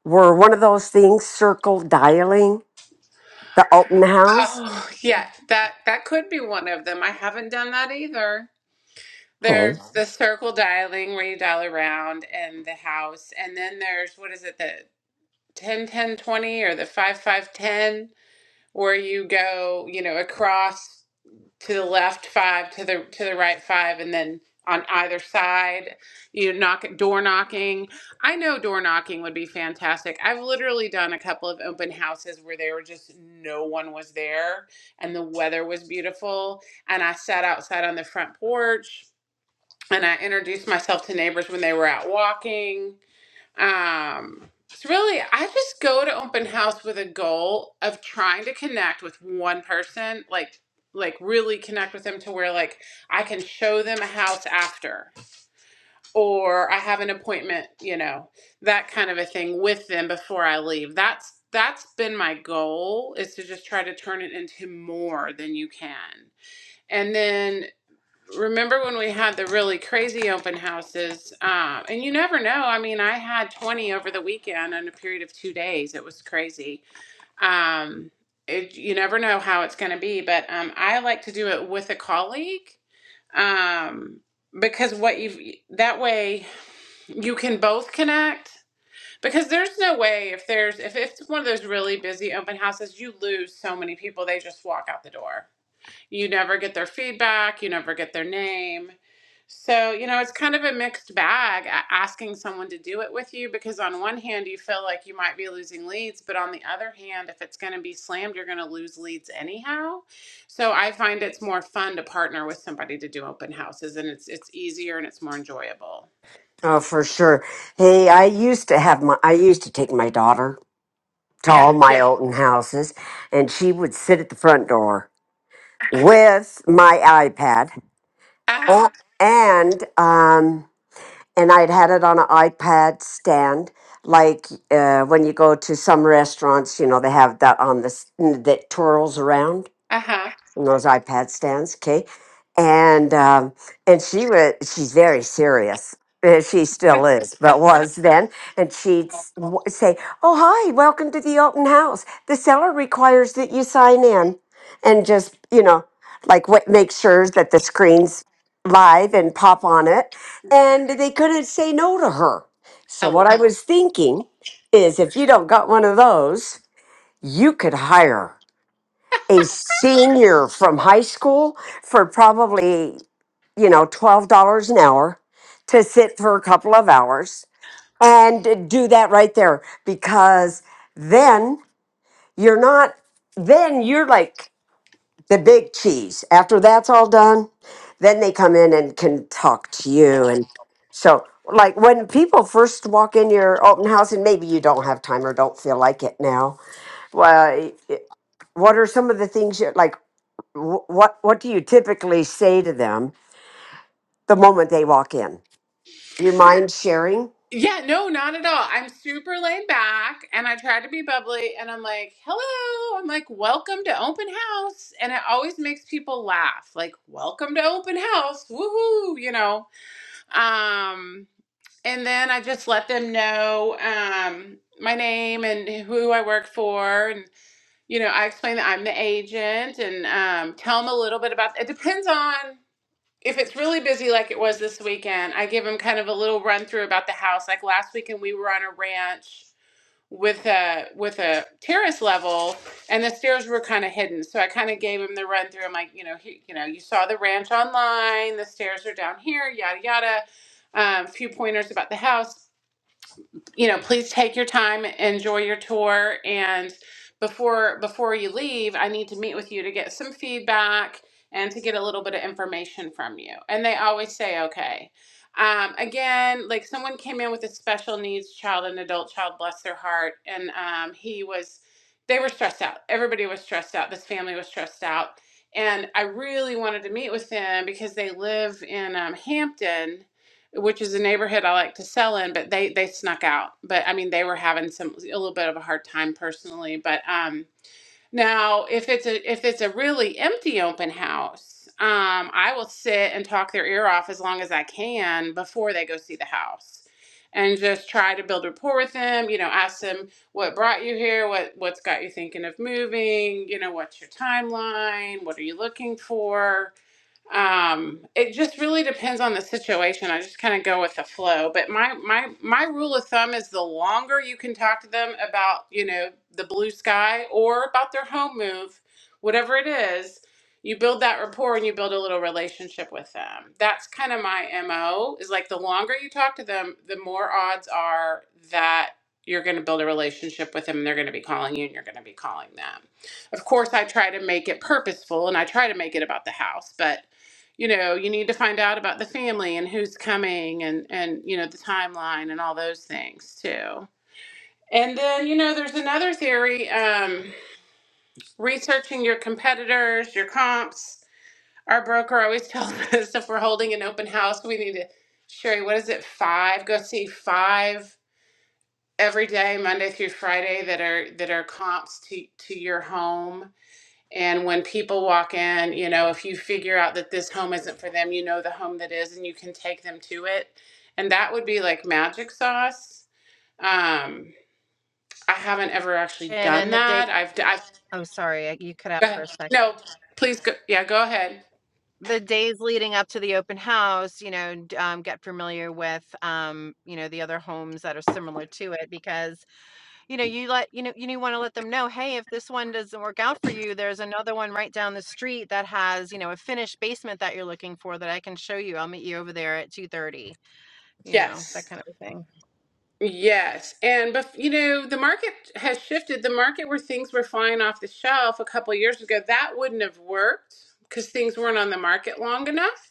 [SPEAKER 8] Were one of those things circle dialing the open house?
[SPEAKER 5] Oh, yeah, that that could be one of them. I haven't done that either.
[SPEAKER 8] Okay.
[SPEAKER 5] There's the circle dialing where you dial around and the house, and then there's what is it, the 10 10 20 or the 5 5 10, where you go, you know, across to the left five to the to the right five and then on either side you know, knock door knocking i know door knocking would be fantastic i've literally done a couple of open houses where there were just no one was there and the weather was beautiful and i sat outside on the front porch and i introduced myself to neighbors when they were out walking um, it's really, I just go to open house with a goal of trying to connect with one person, like like really connect with them to where like I can show them a house after, or I have an appointment, you know, that kind of a thing with them before I leave. That's that's been my goal is to just try to turn it into more than you can. And then remember when we had the really crazy open houses? Um, and you never know. I mean, I had 20 over the weekend in a period of two days. It was crazy. Um, it, you never know how it's going to be, but um, I like to do it with a colleague um, because what you that way you can both connect. Because there's no way if there's if it's one of those really busy open houses, you lose so many people. They just walk out the door you never get their feedback, you never get their name. So, you know, it's kind of a mixed bag a- asking someone to do it with you because, on one hand, you feel like you might be losing leads, but on the other hand, if it's going to be slammed, you're going to lose leads anyhow. So, I find it's more fun to partner with somebody to do open houses and it's it's easier and it's more enjoyable.
[SPEAKER 8] Oh, for sure. Hey, I used to have my, I used to take my daughter to all my
[SPEAKER 5] Yeah.
[SPEAKER 8] Olden houses, and she would sit at the front door with my iPad,
[SPEAKER 5] Uh huh.
[SPEAKER 8] Oh, and um, and I'd had it on an iPad stand, like uh, when you go to some restaurants, you know, they have that on the s- that twirls around
[SPEAKER 5] Uh
[SPEAKER 8] those iPad stands, okay? And um, and she was she's very serious. Uh, She still is, but was then. And she'd s- w- say, "Oh hi, welcome to the open house. The seller requires that you sign in, and just you know, like what make sure that the screen's live and pop on it." And they couldn't say no to her. So
[SPEAKER 5] huh.
[SPEAKER 8] what I was thinking is, if you don't got one of those, you could hire a senior from high school for probably, you know, $12 an hour to sit for a couple of hours and do that right there because then you're not, then you're like the big cheese. After that's all done, then they come in and can talk to you. And so, like when people first walk in your open house, and maybe you don't have time or don't feel like it now, well, what are some of the things you like? Wh- what what do you typically say to them the moment they walk in? You mind sharing?
[SPEAKER 5] Yeah, no, not at all. I'm super laid back and I tried to be bubbly and I'm like, hello. I'm like, welcome to open house. And it always makes people laugh. Like, welcome to open house. Woohoo, you know. Um, and then I just let them know um my name and who I work for and you know, I explain that I'm the agent and um tell them a little bit about it depends on if it's really busy like it was this weekend, I give him kind of a little run through about the house. Like last weekend, we were on a ranch with a with a terrace level, and the stairs were kind of hidden. So I kind of gave him the run through. I'm like, you know, he, you know, you saw the ranch online. The stairs are down here. Yada yada. Um, a few pointers about the house you know, please take your time, enjoy your tour, and before before you leave, I need to meet with you to get some feedback and to get a little bit of information from you. And they always say okay. Um, again, like someone came in with a special needs child, an adult child, bless their heart, and um, he was, they were stressed out. Everybody was stressed out. This family was stressed out, and I really wanted to meet with them because they live in um, Hampton which is a neighborhood I like to sell in, but they they snuck out. But I mean, they were having some a little bit of a hard time personally. But um, now if it's a if it's a really empty open house, um, I will sit and talk their ear off as long as I can before they go see the house. And just try to build rapport with them. You know, ask them what brought you here, what what's got you thinking of moving. You know, what's your timeline? What are you looking for? um it just really depends on the situation i just kind of go with the flow but my my my rule of thumb is the longer you can talk to them about you know the blue sky or about their home move whatever it is you build that rapport and you build a little relationship with them that's kind of my mo is like the longer you talk to them the more odds are that you're going to build a relationship with them and they're going to be calling you and you're going to be calling them of course i try to make it purposeful and i try to make it about the house but you know you need to find out about the family and who's coming and and you know the timeline and all those things too and then you know there's another theory um researching your competitors your comps our broker always tells us if we're holding an open house we need to sherry what is it five go see five every day monday through friday that are that are comps to to your home and when people walk in, you know, if you figure out that this home isn't for them, you know the home that is and you can take them to it. And that would be like magic sauce. Um, I haven't ever actually
[SPEAKER 6] And then
[SPEAKER 5] done
[SPEAKER 6] the day
[SPEAKER 5] that. I've, d- I've,
[SPEAKER 6] Oh, sorry, I- you cut out
[SPEAKER 5] go
[SPEAKER 6] for
[SPEAKER 5] ahead.
[SPEAKER 6] a second.
[SPEAKER 5] no, please go. Yeah, go ahead.
[SPEAKER 6] The days leading up to the open house, you know, d- um, get familiar with, um, you know, the other homes that are similar to it because You know, you let you know you want to let them know, hey, if this one doesn't work out for you, there's another one right down the street that has, you know, a finished basement that you're looking for that I can show you. I'll meet you over there at 2:30, you know, that
[SPEAKER 5] Yes.
[SPEAKER 6] kind of a thing.
[SPEAKER 5] Yes. And, but you know, the market has shifted. The market where things were flying off the shelf a couple years ago, that wouldn't have worked because things weren't on the market long enough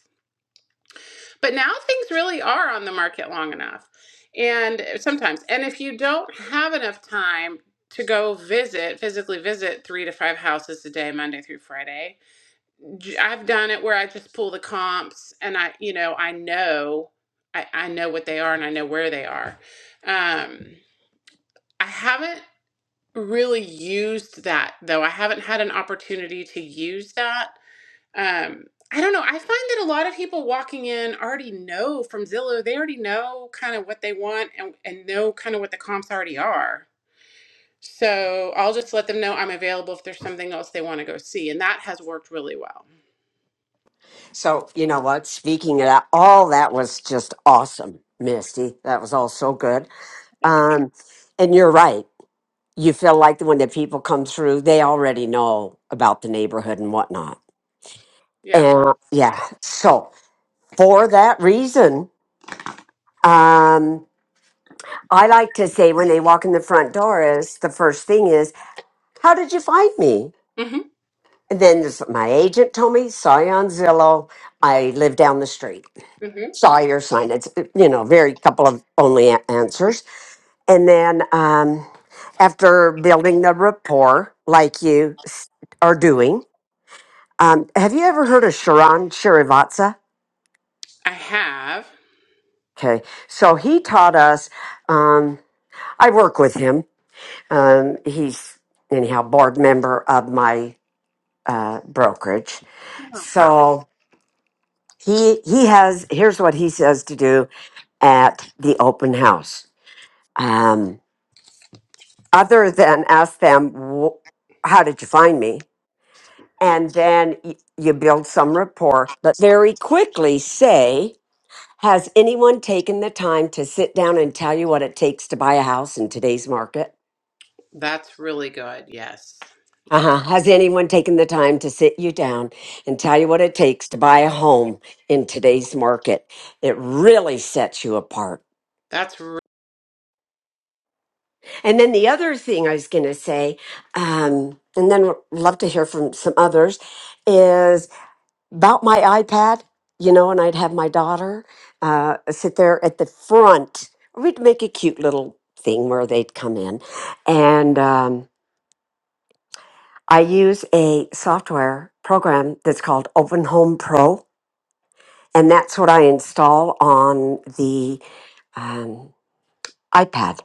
[SPEAKER 5] But now things really are on the market long enough. And uh, sometimes, and if you don't have enough time to go visit, physically visit three to five houses a day, Monday through Friday, j- I've done it where I just pull the comps and I, you know, I know, I, I know what they are and I know where they are. Um, I haven't really used that though. I haven't had an opportunity to use that um, I don't know. I find that a lot of people walking in already know from Zillow, they already know kind of what they want and, and know kind of what the comps already are. So I'll just let them know I'm available if there's something else they want to go see. And that has worked really well.
[SPEAKER 8] So you know what? Speaking of that, all that was just awesome, Misty. That was all so good.
[SPEAKER 5] Thank you.
[SPEAKER 8] Um, and you're right. You feel like when the people come through, they already know about the neighborhood and whatnot.
[SPEAKER 5] Yeah.
[SPEAKER 8] And yeah, so for that reason, um, I like to say when they walk in the front door is the first thing is, "How did you find me?"
[SPEAKER 5] hmm
[SPEAKER 8] And then this, my agent told me, saw you on Zillow. I live down the street.
[SPEAKER 5] hmm
[SPEAKER 8] Saw your sign. It's, you know, very couple of only a- answers. And then um, after building the rapport, like you s- are doing, um, have you ever heard of Sharon Shrivatsa?
[SPEAKER 5] I have.
[SPEAKER 8] Okay. So he taught us, um, I work with him. Um, he's, anyhow, board member of my uh, brokerage. So he he has here's what he says to do at the open house um, other than ask them "Wh- how did you find me and then y- you build some rapport but very quickly say has anyone taken the time to sit down and tell you what it takes to buy a house in today's market
[SPEAKER 5] That's really good. Yes. Yes.
[SPEAKER 8] uh-huh. Has anyone taken the time to sit you down and tell you what it takes to buy a home in today's market? It really sets you apart
[SPEAKER 5] That's re-
[SPEAKER 8] And then the other thing I was going to say, um, and then would love to hear from some others, is about my iPad, you know, and I'd have my daughter uh, sit there at the front. We'd make a cute little thing where they'd come in. And um, I use a software program that's called Open Home Pro, and that's what I install on the um, iPad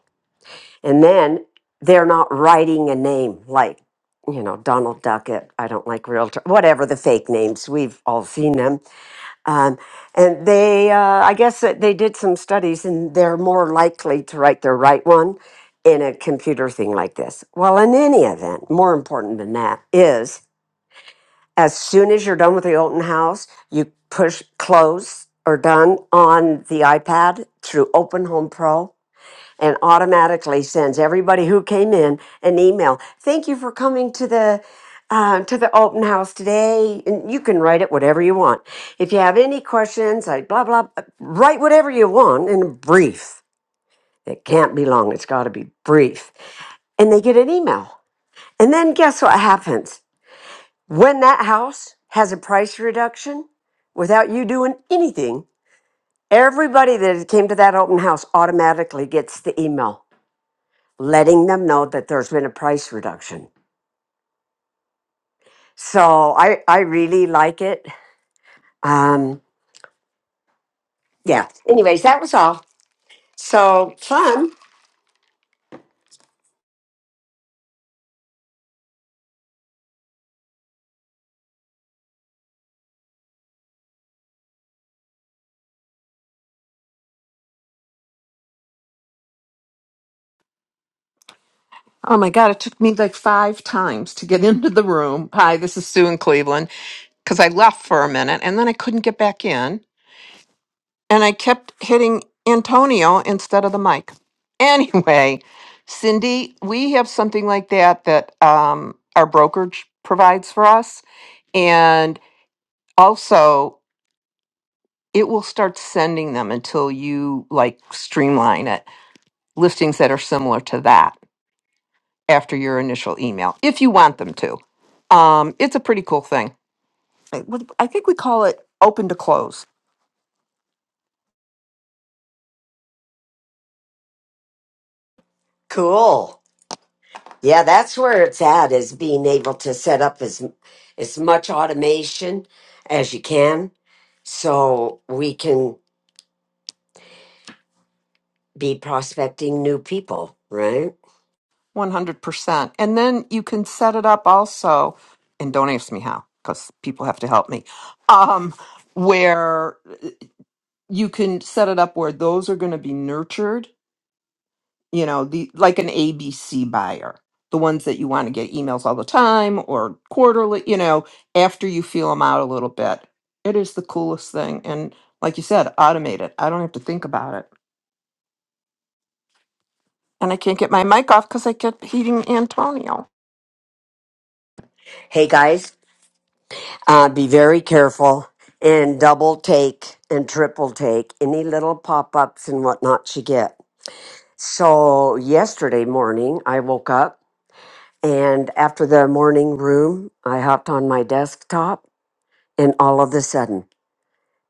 [SPEAKER 8] And then they're not writing a name like, you know, Donald Duckett. I don't like realtor, whatever the fake names. We've all seen them. Um, and they, uh, I guess that they did some studies and they're more likely to write the right one in a computer thing like this. Well, in any event, more important than that is as soon as you're done with the Olton house, you push close or done on the iPad through Open Home Pro and automatically sends everybody who came in an email. Thank you for coming to the uh, to the open house today, and you can write it whatever you want. If you have any questions, I blah blah. blah, Write whatever you want in a brief. It can't be long. It's got to be brief. And they get an email. And then guess what happens when that house has a price reduction without you doing anything. Everybody that came to that open house automatically gets the email letting them know that there's been a price reduction. So I, I really like it. Um, yeah. Anyways, that was all. So fun.
[SPEAKER 7] Oh my God, it took me like five times to get into the room. Hi, this is Sue in Cleveland. Because I left for a minute and then I couldn't get back in. And I kept hitting Antonio instead of the mic. Anyway, Cindy, we have something like that that um, our brokerage provides for us. And also, it will start sending them until you like streamline it, listings that are similar to that. after your initial email if you want them to. Um, it's a pretty cool thing. I what- I think we call it open to close
[SPEAKER 8] Cool. Yeah, that's where it's at is being able to set up as as much automation as you can so we can be prospecting new people, right?
[SPEAKER 7] 100%. And then you can set it up also, and don't ask me how because people have to help me, um, where uh, you can set it up where those are going to be nurtured you know the like an abc buyer the ones that you want to get emails all the time or quarterly you know after you feel them out a little bit it is the coolest thing and like you said automate it i don't have to think about it and i can't get my mic off because i kept hitting antonio
[SPEAKER 8] Hey guys, uh, be very careful and double take and triple take any little pop ups and whatnot you get So yesterday morning, I woke up and after the morning room, I hopped on my desktop and all of a sudden,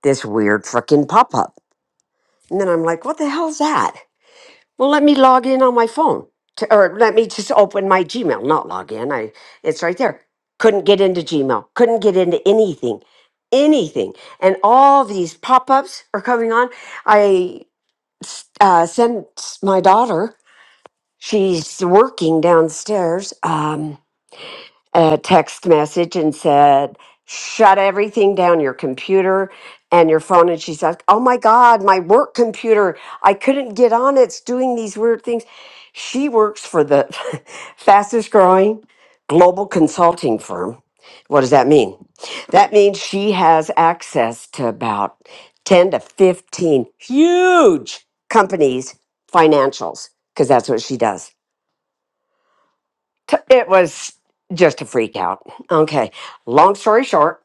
[SPEAKER 8] this weird freaking pop up. And then I'm like, what the hell's that? Well, let me log in on my phone to, or let me just open my Gmail, not log in. I, it's right there. Couldn't get into Gmail, couldn't get into anything, anything. And all these pop ups are coming on. I uh, sent my daughter She's working downstairs. Um, a text message and said, "Shut everything down, your computer and your phone." And she's like, "Oh my God, my work computer! I couldn't get on. It's doing these weird things." She works for the fastest growing global consulting firm. What does that mean? That means she has access to about 10 to 15 huge companies' financials because that's what she does t- it was just a freak out. Okay. Long story short,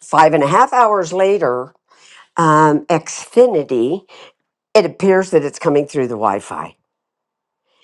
[SPEAKER 8] five and a half hours later, um, Xfinity, it appears that it's coming through the Wi Fi.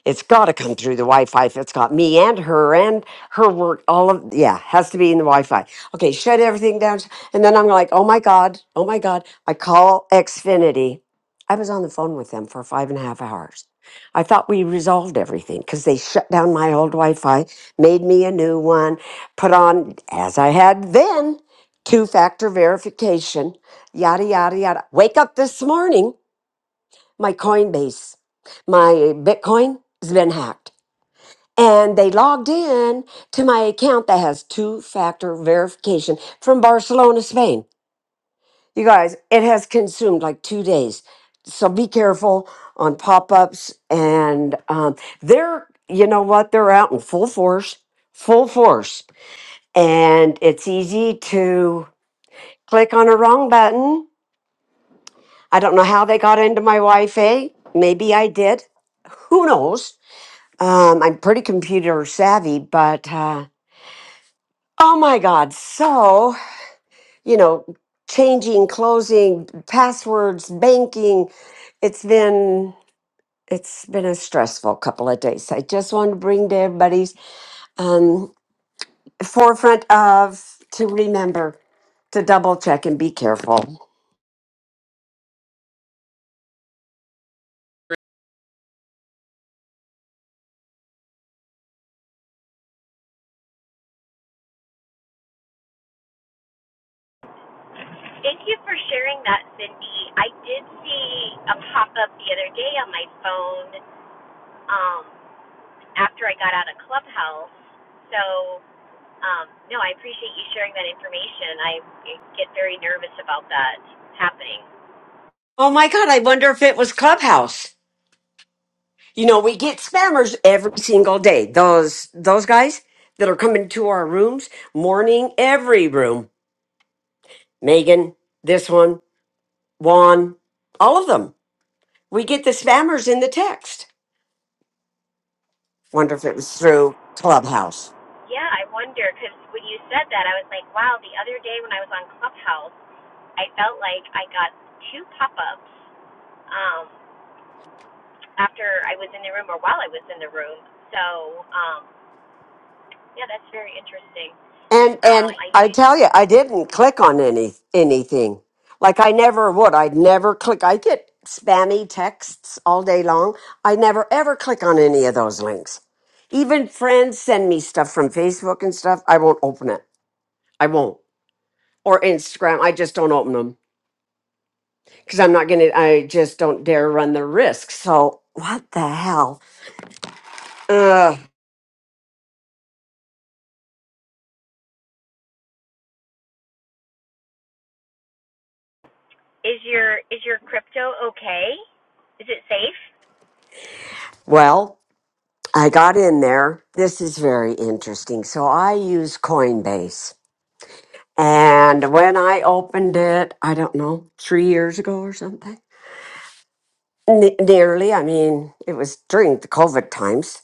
[SPEAKER 8] It's got to come through the Wi-Fi if it's got me and her and her work. All of yeah, has to be in the Wi-Fi. Okay, shut everything down, and then I'm like, oh my god, oh my god. I call Xfinity. I was on the phone with them for five and a half hours. I thought we resolved everything because they shut down my old Wi-Fi, made me a new one, put on as I had then two-factor verification, yada yada yada. Wake up this morning my Coinbase, my Bitcoin has been hacked. And they logged in to my account that has two factor verification from Barcelona, Spain. You guys, it has consumed like two days. So be careful on pop ups. And um, they're, you know what, they're out in full force, full force. And it's easy to click on a wrong button. I don't know how they got into my Wi Fi. Maybe I did. Who knows? Um, I'm pretty computer savvy, but uh, oh my God. So, you know, changing, closing, passwords, banking, it's been. It's been a stressful couple of days. I just wanted to bring to everybody's um, forefront of to remember to double check and be careful.
[SPEAKER 3] thank you for sharing that, Cindy. I did see a pop up the other day on my phone um, after I got out of Clubhouse. So, um, no, I appreciate you sharing that information. I get very nervous about that happening.
[SPEAKER 8] Oh my God, I wonder if it was Clubhouse. You know, we get spammers every single day. Those those guys that are coming to our rooms, morning every room. Megan, this one, Juan, all of them. We get the spammers in the text. Wonder if it was through Clubhouse.
[SPEAKER 3] Yeah, I wonder because when you said that, I was like, wow. The other day when I was on Clubhouse, I felt like I got two pop-ups um, after I was in the room or while I was in the room. So um, yeah, that's very interesting.
[SPEAKER 8] And
[SPEAKER 3] Um,
[SPEAKER 8] and
[SPEAKER 3] I
[SPEAKER 8] I
[SPEAKER 3] do.
[SPEAKER 8] tell you, I didn't click on any anything. Like I never would. I'd never click. I get spammy texts all day long. I never ever click on any of those links. Even friends send me stuff from Facebook and stuff. I won't open it. I won't. Or Instagram. I just don't open them because I'm not gonna. I just don't dare run the risk. So what the hell? Uh,
[SPEAKER 3] Is your is your crypto okay? Is it safe?
[SPEAKER 8] well, I got in there. This is very interesting. So I use Coinbase And when I opened it, I don't know, three years ago or something, ne- nearly. I mean, it was during the COVID times.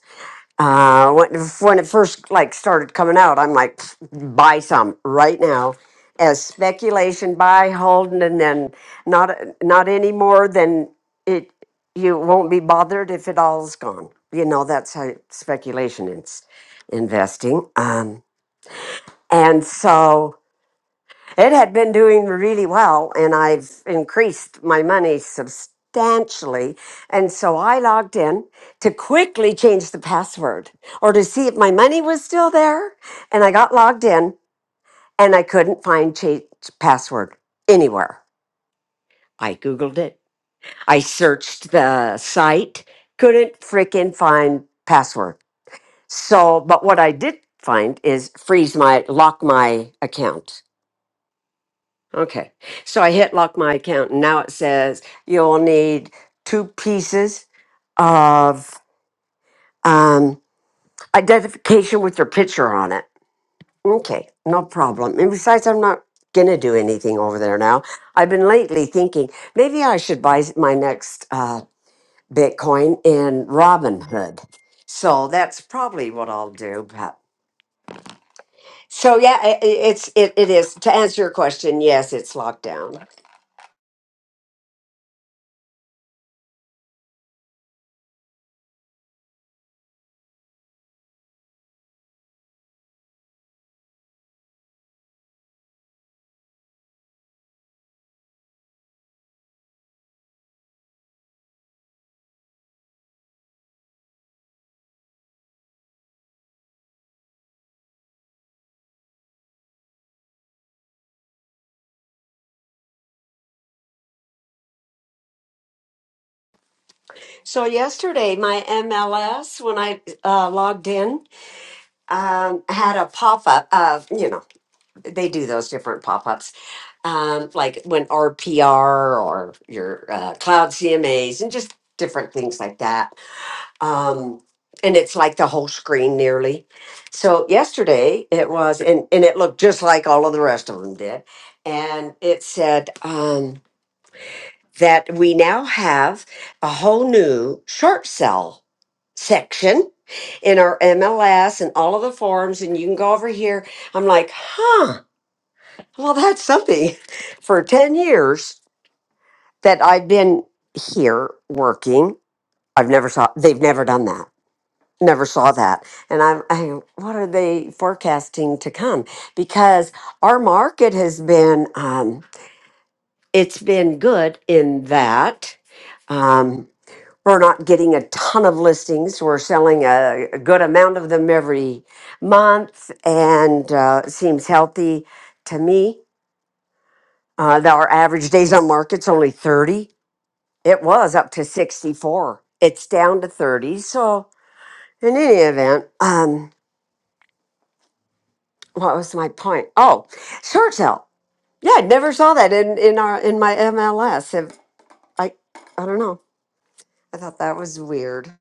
[SPEAKER 8] Uh, when, when it first like started coming out, I'm like, "Pfft, buy some right now, as speculation, buy, hold, and then not not any more than it. You won't be bothered if it all's gone. You know that's how speculation is investing. Um, and so It had been doing really well, and I've increased my money substantially. And so I logged in to quickly change the password or to see if my money was still there. And I got logged in and I couldn't find change password anywhere. I Googled it, I searched the site, couldn't freaking find password. So, but what I did find is freeze my, lock my account. Okay. So I hit lock my account and now it says you'll need two pieces of um, identification with your picture on it. Okay, no problem. And besides, I'm not going to do anything over there now. I've been lately thinking maybe I should buy s- my next uh, Bitcoin in Robinhood. So that's probably what I'll do. But so yeah, i i- it's it, it is to answer your question. Yes, it's locked down. So yesterday, my MLS, when I uh, logged in, um, had a pop up of you know they do those different pop ups, um, like when RPR or your uh, cloud CMAs and just different things like that. Um, and it's like the whole screen nearly. So yesterday it was, and and it looked just like all of the rest of them did, and it said. Um, that we now have a whole new short sell section in our MLS and all of the forums, and you can go over here. I'm like, huh, well, that's something. For 10 years that I've been here working, I've never saw, they've never done that. Never saw that. And I'm, I, what are they forecasting to come? Because our market has been, um, it's been good in that. Um, we're not getting a ton of listings. We're selling a, a good amount of them every month, and uh, it seems healthy to me. Uh, the- our average days on market's only 30. It was up to 64. It's down to 30. So, in any event, um, what was my point? Oh, short sale. Yeah, I never saw that in, in our in my MLS. If, I I don't know. I thought that was weird.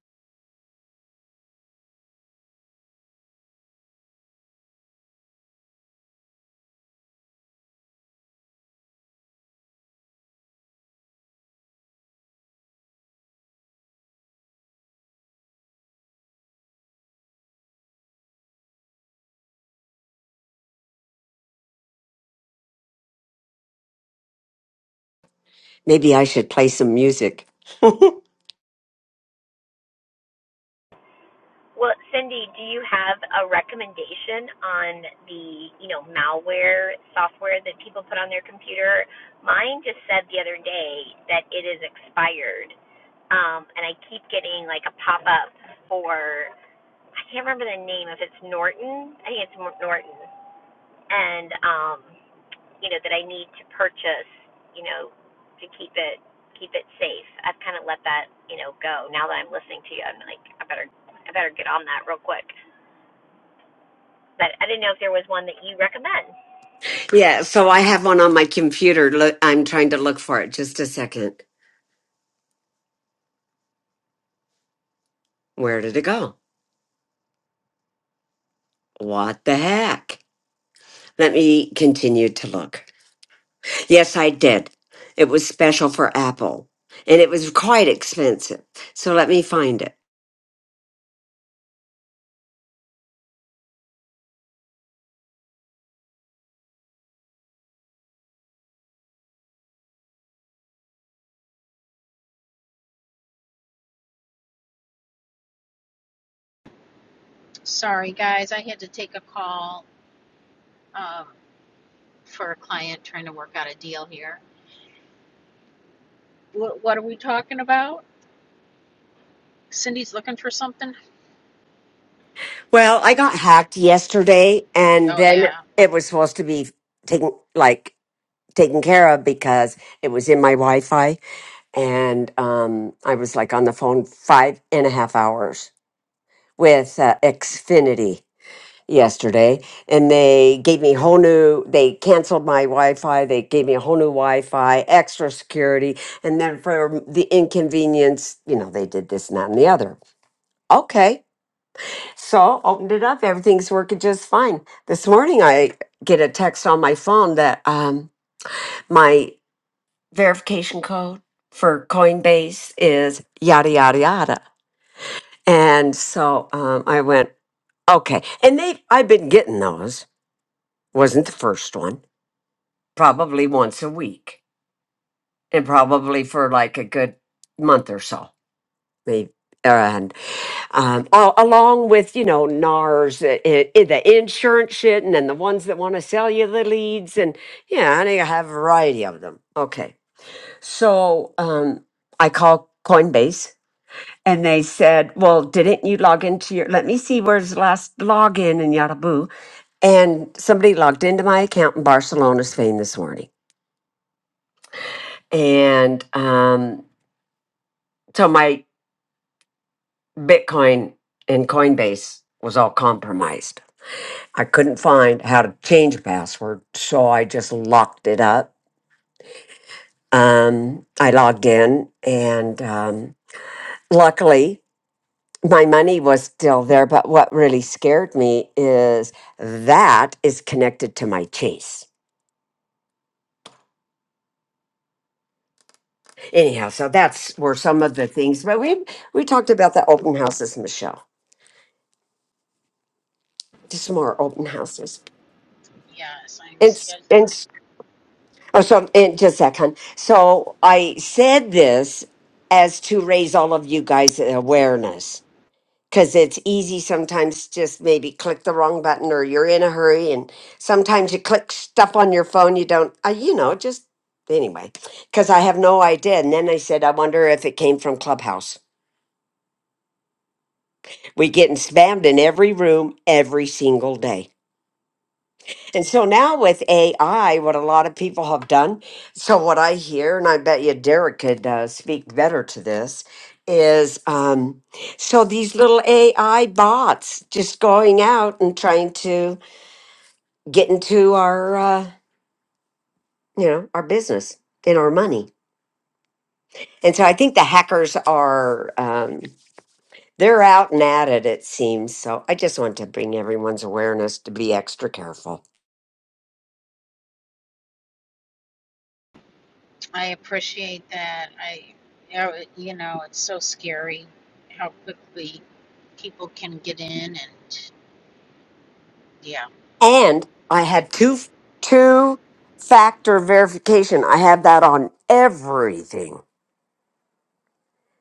[SPEAKER 8] Maybe I should play some music.
[SPEAKER 3] Well, Cindy, do you have a recommendation on the, you know, malware software that people put on their computer? Mine just said the other day that it is expired. Um, and I keep getting like a pop up for I can't remember the name if it's Norton. I think it's Norton and um, you know that I need to purchase, you know, to keep it keep it safe. I've kind of let that you know go. Now that I'm listening to you, I'm like, I better I better get on that real quick. But I didn't know if there was one that you recommend.
[SPEAKER 8] Yeah, so I have one on my computer. Look, I'm trying to look for it. Just a second. Where did it go? What the heck? Let me continue to look. Yes, I did. It was special for Apple and it was quite expensive. So let me find it.
[SPEAKER 1] Sorry guys, I had to take a call um, for a client trying to work out a deal here. What, what are we talking about? Cindy's looking for something.
[SPEAKER 8] Well, I got hacked yesterday and
[SPEAKER 1] Oh
[SPEAKER 8] then
[SPEAKER 1] yeah,
[SPEAKER 8] it was supposed to be taken like taken care of because it was in my Wi-Fi and um I was like on the phone five and a half hours with uh, Xfinity yesterday, and they gave me a whole new. They canceled my Wi-Fi. They gave me a whole new Wi-Fi, extra security, and then for the inconvenience, you know, they did this and that and the other. Okay, so opened it up. Everything's working just fine. This morning, I get a text on my phone that um, my verification code for Coinbase is yada yada yada. And so um, I went, Okay. And they I've been getting those. Wasn't the first one. Probably once a week. And probably for like a good month or so. Maybe and um, al- along with you know NARS, uh, i- i- the insurance shit, and then the ones that want to sell you the leads, and yeah, and I have a variety of them. Okay, so um, I call Coinbase, and they said, "Well, didn't you log into your? Let me see where's the last login and yada boo." And somebody logged into my account in Barcelona, Spain this morning. And um, so my Bitcoin and Coinbase was all compromised. I couldn't find how to change a password, so I just locked it up. Um, I logged in, and um, luckily, my money was still there. But what really scared me is that is connected to my Chase. anyhow so that's were some of the things but we we talked about the open houses michelle just more open houses
[SPEAKER 1] yes, I'm.
[SPEAKER 8] and s-
[SPEAKER 1] scared.
[SPEAKER 8] and s- oh so and just a second so i said this as to raise all of you guys awareness because it's easy sometimes just maybe click the wrong button or you're in a hurry and sometimes you click stuff on your phone you don't uh, you know just anyway because i have no idea and then i said i wonder if it came from clubhouse We're getting spammed in every room every single day. And so now with AI, what a lot of people have done, so what I hear, and I bet you Derek could uh, speak better to this, is um, so these little AI bots just going out and trying to get into our, uh, you know, our business and our money. And so I think the hackers are, um, they're out and at it, it seems. So I just want to bring everyone's awareness to be extra careful.
[SPEAKER 1] I appreciate that. I, yeah, you know, it's so scary how quickly people can get in and yeah.
[SPEAKER 8] And I had two two factor verification. I had that on everything.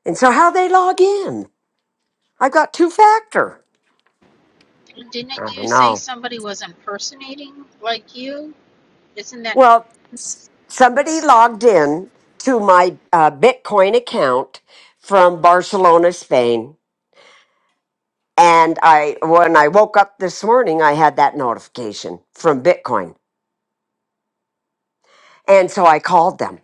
[SPEAKER 8] And so how they log in? I got two factor.
[SPEAKER 1] Didn't
[SPEAKER 8] I
[SPEAKER 1] you
[SPEAKER 8] don't
[SPEAKER 1] say
[SPEAKER 8] know.
[SPEAKER 1] somebody was impersonating like you? Isn't that
[SPEAKER 8] Well, somebody logged in to my uh, Bitcoin account from Barcelona, Spain, and I when I woke up this morning, I had that notification from Bitcoin, and so I called them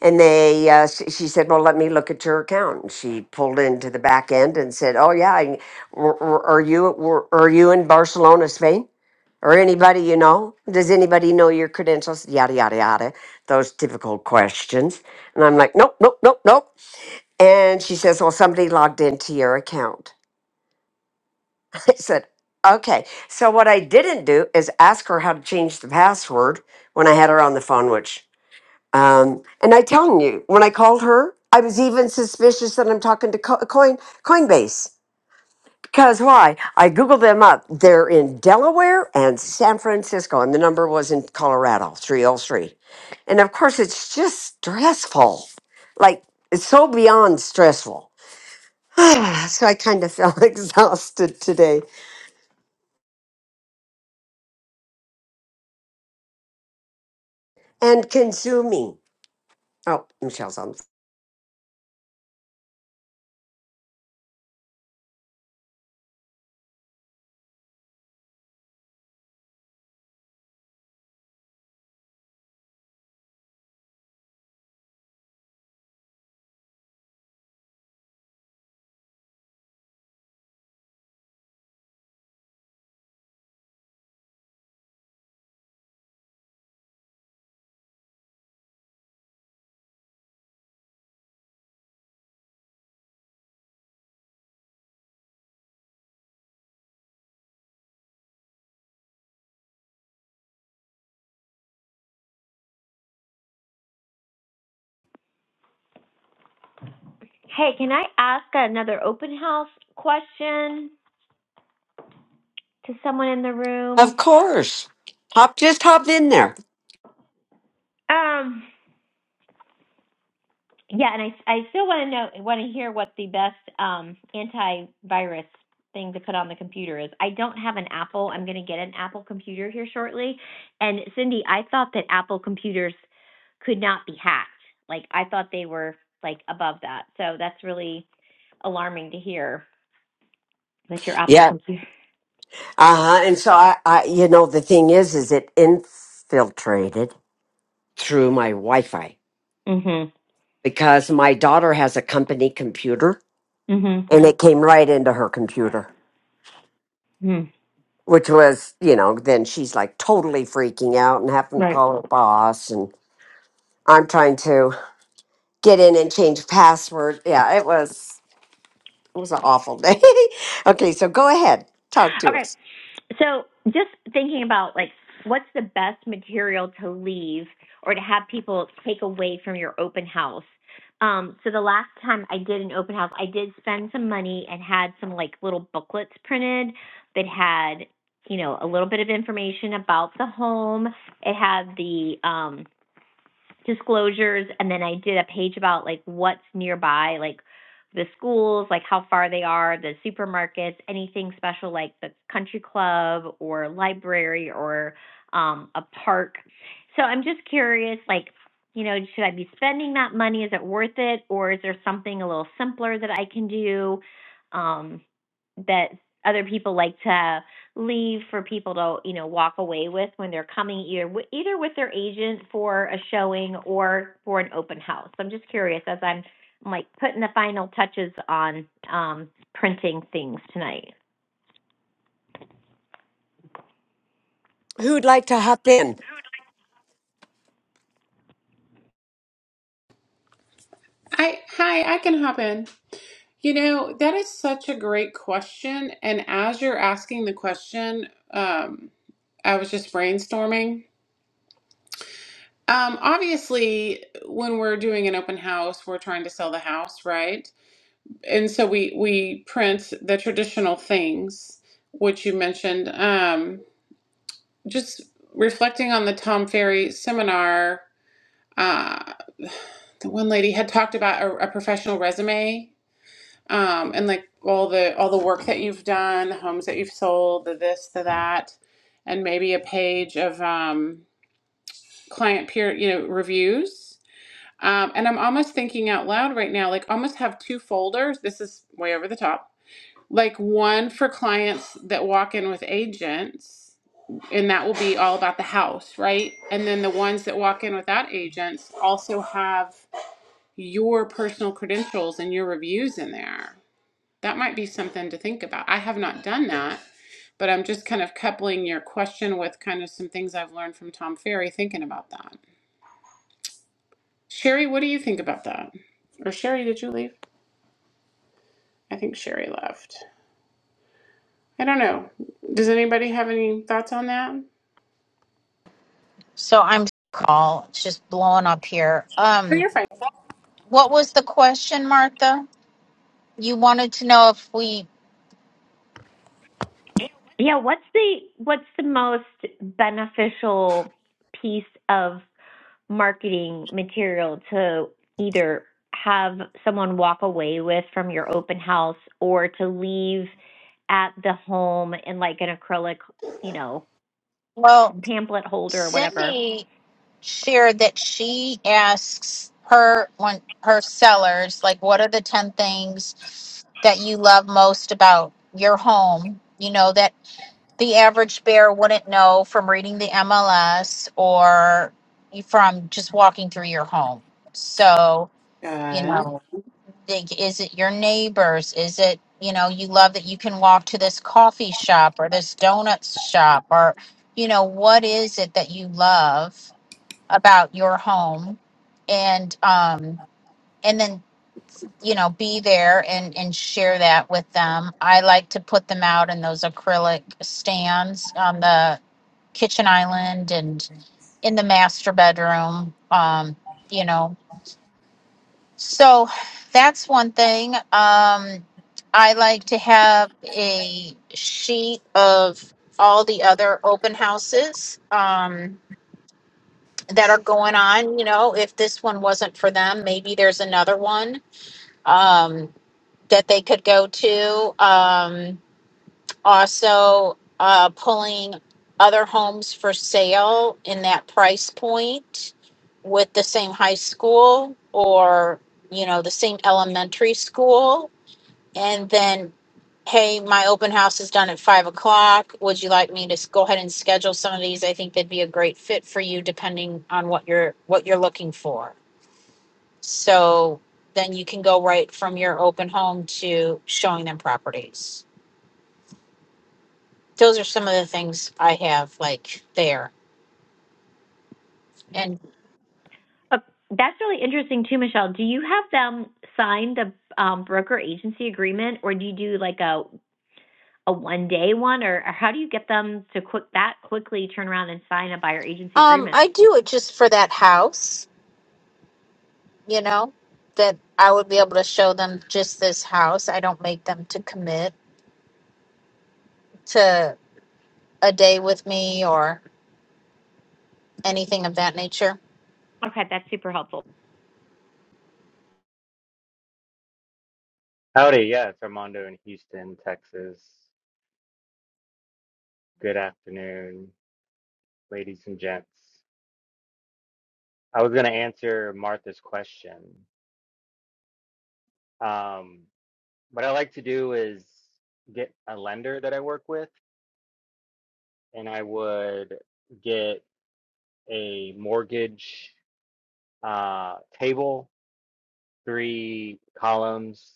[SPEAKER 8] And they, uh, s- she said, "Well, let me look at your account." And she pulled into the back end and said, "Oh yeah, I, were- were- are you were, are you in Barcelona, Spain, or anybody you know? Does anybody know your credentials? Yada yada yada, those typical questions." And I'm like, "Nope, nope, nope, nope." And she says, "Well, somebody logged into your account." I said, "Okay." So what I didn't do is ask her how to change the password when I had her on the phone, which um, and I telling you, when I called her, I was even suspicious that I'm talking to Co- Coin Coinbase because why? I googled them up. They're in Delaware and San Francisco, and the number was in Colorado, three oh three. And of course, it's just stressful. Like it's so beyond stressful. so I kind of felt exhausted today and consuming. Oh, Michelle's on.
[SPEAKER 3] Hey, can I ask another open house question to someone in the room?
[SPEAKER 8] Of course, hop just hop in there.
[SPEAKER 3] Um, Yeah, and I I still want to know want to hear what the best um antivirus thing to put on the computer is. I don't have an Apple. I'm going to get an Apple computer here shortly. And Cindy, I thought that Apple computers could not be hacked. Like I thought they were like above that. So that's really alarming to hear that your Apple computer.
[SPEAKER 8] Uh-huh. And so I, I you know, the thing is is it infiltrated through my Wi-Fi
[SPEAKER 3] Mhm.
[SPEAKER 8] because my daughter has a company computer
[SPEAKER 3] Mhm.
[SPEAKER 8] and it came right into her computer.
[SPEAKER 3] Mhm.
[SPEAKER 8] Which was, you know, then she's like totally freaking out and having to
[SPEAKER 3] Right.
[SPEAKER 8] call her boss and I'm trying to get in and change password. Yeah, it was it was an awful day. okay, so go ahead. Talk to
[SPEAKER 3] Okay.
[SPEAKER 8] us.
[SPEAKER 3] So just thinking about like what's the best material to leave or to have people take away from your open house. Um, so the last time I did an open house, I did spend some money and had some like little booklets printed that had, you know, a little bit of information about the home. It had the um disclosures and then I did a page about like what's nearby, like the schools, like how far they are, the supermarkets, anything special like the country club or library or um a park. So I'm just curious like you know, should I be spending that money? Is it worth it or is there something a little simpler that I can do um that other people like to leave for people to you know walk away with when they're coming either either with their agent for a showing or for an open house. I'm just curious as I'm, I'm like putting the final touches on um, printing things tonight.
[SPEAKER 8] Who'd like to hop in?
[SPEAKER 5] I hi, I can hop in. You know, that is such a great question. And as you're asking the question, um, I was just brainstorming. Um, obviously, when we're doing an open house, we're trying to sell the house, right? And so we we print the traditional things, which you mentioned. Um, just reflecting on the Tom Ferry seminar, uh, the one lady had talked about a, a professional resume um, and like all the all the work that you've done, the homes that you've sold, the this, the that, and maybe a page of um, client peer, you know, reviews. Um, and I'm almost thinking out loud right now, like almost have two folders. This is way over the top. Like one for clients that walk in with agents, and that will be all about the house, right? And then the ones that walk in without agents also have your personal credentials and your reviews in there. That might be something to think about. I have not done that, but I'm just kind of coupling your question with kind of some things I've learned from Tom Ferry thinking about that. Sherry, what do you think about that? Or Sherry, did you leave? I think Sherry left. I don't know. Does anybody have any thoughts on that?
[SPEAKER 1] So I'm call. It's just blowing up here.
[SPEAKER 5] No,
[SPEAKER 1] Um,
[SPEAKER 5] you're fine.
[SPEAKER 1] what was the question, Martha? You wanted to know if we.
[SPEAKER 3] Yeah, what's the what's the most beneficial piece of marketing material to either have someone walk away with from your open house or to leave at the home in like an acrylic, you know,
[SPEAKER 1] Well,
[SPEAKER 3] pamphlet holder or whatever.
[SPEAKER 1] Cindy shared that she asks her one her sellers like, what are the ten things that you love most about your home? You know that the average bear wouldn't know from reading the MLS or from just walking through your home. So, you
[SPEAKER 5] Good.
[SPEAKER 1] know. Like, is it your neighbors? Is it, you know, you love that you can walk to this coffee shop or this donut shop or, you know, what is it that you love about your home? And, um, and then, you know, be there and, and share that with them. I like to put them out in those acrylic stands on the kitchen island and in the master bedroom. Um, you know, so that's one thing. Um, I like to have a sheet of all the other open houses um, that are going on. You know, if this one wasn't for them, maybe there's another one um, that they could go to. Um, also uh, pulling other homes for sale in that price point with the same high school or you know the same elementary school and then hey my open house is done at five o'clock would you like me to s- go ahead and schedule some of these i think they'd be a great fit for you depending on what you're what you're looking for so then you can go right from your open home to showing them properties those are some of the things I have like there. And
[SPEAKER 3] Uh, that's really interesting too, Michelle. Do you have them sign the um, broker agency agreement, or do you do like a a one day one, or, or how do you get them to quick that quickly turn around and sign a buyer agency
[SPEAKER 1] um
[SPEAKER 3] agreement?
[SPEAKER 1] I do it just for that house, you know, that I would be able to show them just this house. I don't make them to commit to a day with me or anything of that nature.
[SPEAKER 3] Okay, that's super helpful.
[SPEAKER 11] Howdy, yeah, it's Armando in Houston, Texas. Good afternoon, ladies and gents. I was going to answer Martha's question. Um, what I like to do is get a lender that I work with, and I would get a mortgage uh, table, three columns,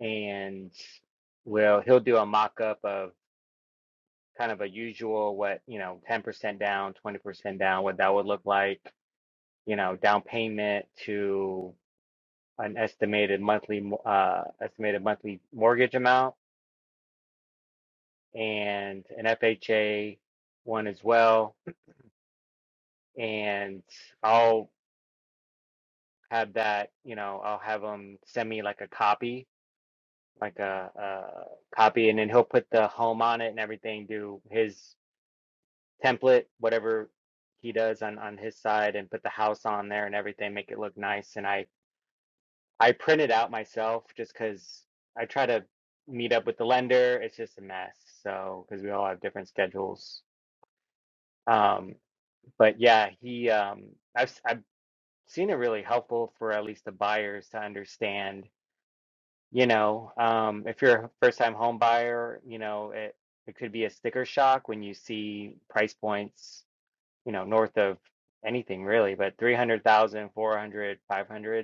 [SPEAKER 11] and well, he'll do a mock-up of kind of a usual what, you know, 10% down, 20% down, what that would look like you know, down payment to an estimated monthly uh, estimated monthly mortgage amount and an FHA one as well. And I'll have that, you know, I'll have him send me like a copy, like a, a copy, and then he'll put the home on it and everything, do his template, whatever he does on on his side, and put the house on there and everything, make it look nice. And I I print it out myself just because I try to meet up with the lender. It's just a mess. So, because we all have different schedules. Um, but yeah, he, um, I've, i I've seen it really helpful for at least the buyers to understand, you know, um, if you're a first time home buyer, you know, it, it could be a sticker shock when you see price points, you know, north of anything really, but three hundred thousand, four hundred, five hundred.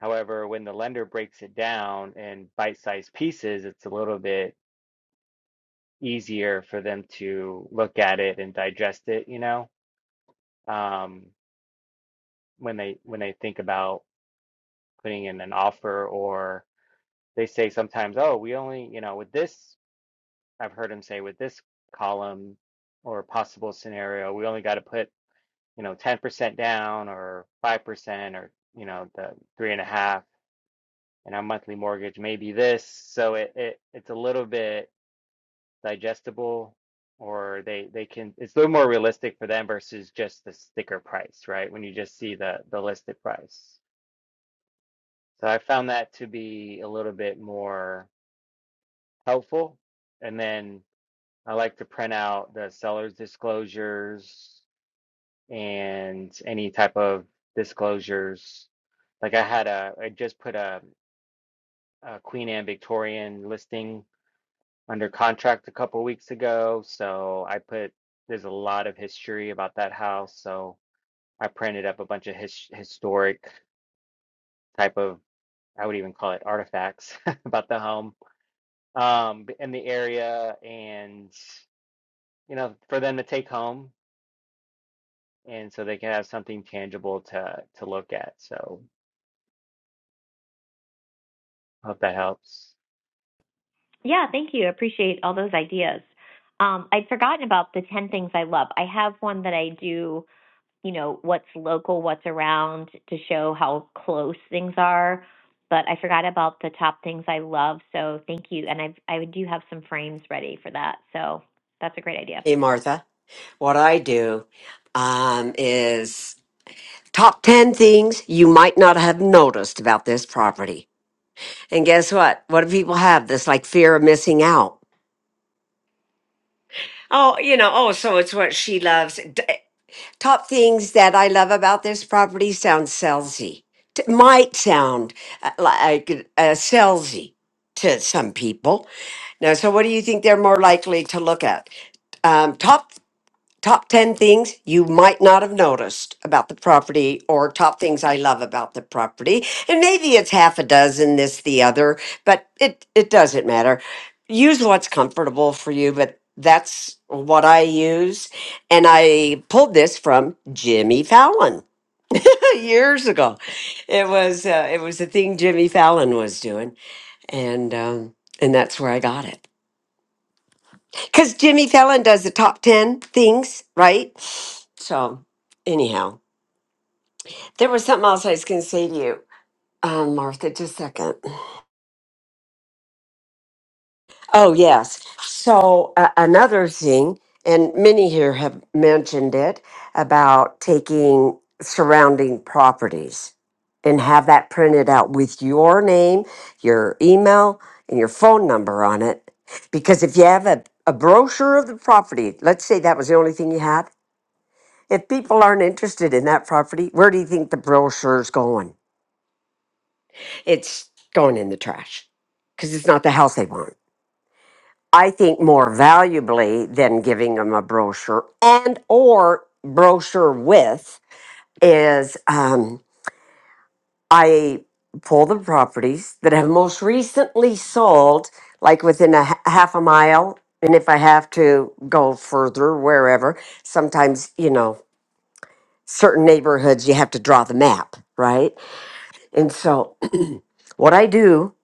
[SPEAKER 11] However, when the lender breaks it down in bite-sized pieces, it's a little bit easier for them to look at it and digest it, you know, um, when they when they think about putting in an offer or they say sometimes, oh, we only, you know, with this, I've heard them say with this column or possible scenario, we only got to put, you know, 10% down or 5% or, you know, the three and a half and our monthly mortgage may be this. So it, it it's a little bit digestible or they they can it's a little more realistic for them versus just the sticker price, right? When you just see the the listed price. So I found that to be a little bit more helpful. And then I like to print out the seller's disclosures and any type of disclosures. Like I had a I just put a, a Queen Anne Victorian listing under contract a couple weeks ago. So I put, there's a lot of history about that house. So I printed up a bunch of his, historic type of, I would even call it artifacts about the home um, in the area and, you know, for them to take home. And so they can have something tangible to to look at. So hope that helps.
[SPEAKER 3] Yeah, thank you. I Appreciate all those ideas. Um, I'd forgotten about the ten things I love. I have one that I do you know, what's local, what's around to show how close things are. But I forgot about the top things I love, so thank you. And I I do have some frames ready for that, so that's a great idea.
[SPEAKER 8] Hey Martha. What I do um, is Top 10 things you might not have noticed about this property. And guess what? What do people have? This like fear of missing out. Oh, you know, oh, so it's what she loves. D- eh, top things that I love about this property sounds salesy. T- might sound uh, like uh, salesy to some people. Now, so what do you think they're more likely to look at? Um, top top 10 things you might not have noticed about the property or top things I love about the property. And maybe it's half a dozen, this, the other, but it, it doesn't matter. Use what's comfortable for you, but that's what I use. And I pulled this from Jimmy Fallon years ago. It was, uh, it was a thing Jimmy Fallon was doing. And, um, and that's where I got it. Because Jimmy Fallon does the top 10 things, right? So, anyhow, there was something else I was going to say to you, um, Martha, just a second. Oh, yes. So, uh, another thing, and many here have mentioned it about taking surrounding properties and have that printed out with your name, your email, and your phone number on it. Because if you have a, a brochure of the property, let's say that was the only thing you had If people aren't interested in that property, where do you think the brochure's going? It's going in the trash because it's not the house they want. I think more valuably than giving them a brochure and or brochure with is um, I pull the properties that have most recently sold, like within a h- half a mile, and if I have to go further, wherever. Sometimes you know certain neighborhoods you have to draw the map, right? And so what I do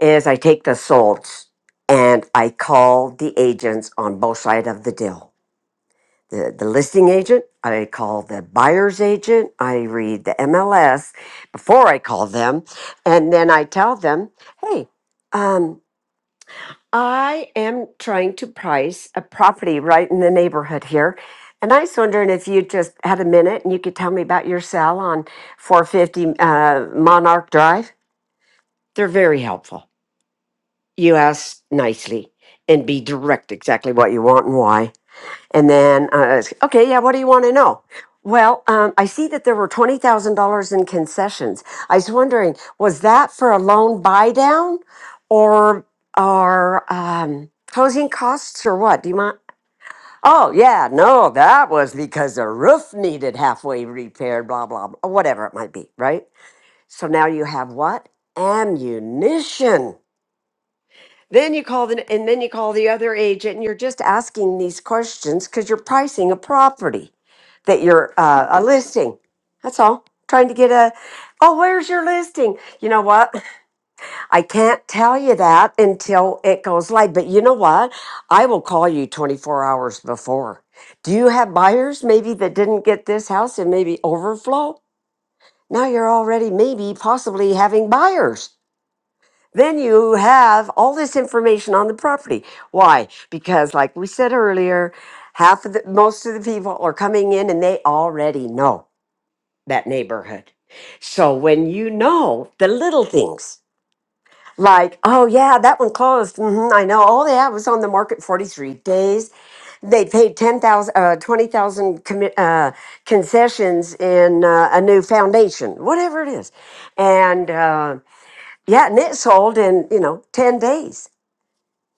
[SPEAKER 8] is I take the solds and I call the agents on both sides of the deal. The, the listing agent, I call the buyer's agent, I read the MLS before I call them, and then I tell them, hey, um, I am trying to price a property right in the neighborhood here. And I was wondering if you just had a minute and you could tell me about your sale on 450 uh, Monarch Drive. They're very helpful. You ask nicely and be direct exactly what you want and why. And then, uh, it's, okay, yeah, what do you want to know? Well, um, I see that there were $20,000 in concessions. I was wondering, was that for a loan buy down or are um, closing costs or what? Do you mind? Oh, yeah, no, that was because the roof needed halfway repaired, blah, blah, blah, whatever it might be, right? So now you have what? Ammunition Then you call the and then you call the other agent, and you're just asking these questions because you're pricing a property that you're uh, a listing. That's all. Trying to get a oh, where's your listing? You know what? I can't tell you that until it goes live. But you know what? I will call you 24 hours before. Do you have buyers maybe that didn't get this house and maybe overflow? Now you're already maybe possibly having buyers. Then you have all this information on the property. Why? Because, like we said earlier, half of the most of the people are coming in and they already know that neighborhood. So when you know the little things, like, oh yeah, that one closed. hmm I know. Oh yeah, it was on the market 43 days. They paid 10,000, uh, 20,000 commi- uh, concessions in uh, a new foundation, whatever it is. And uh, yeah, and it sold in, you know, 10 days.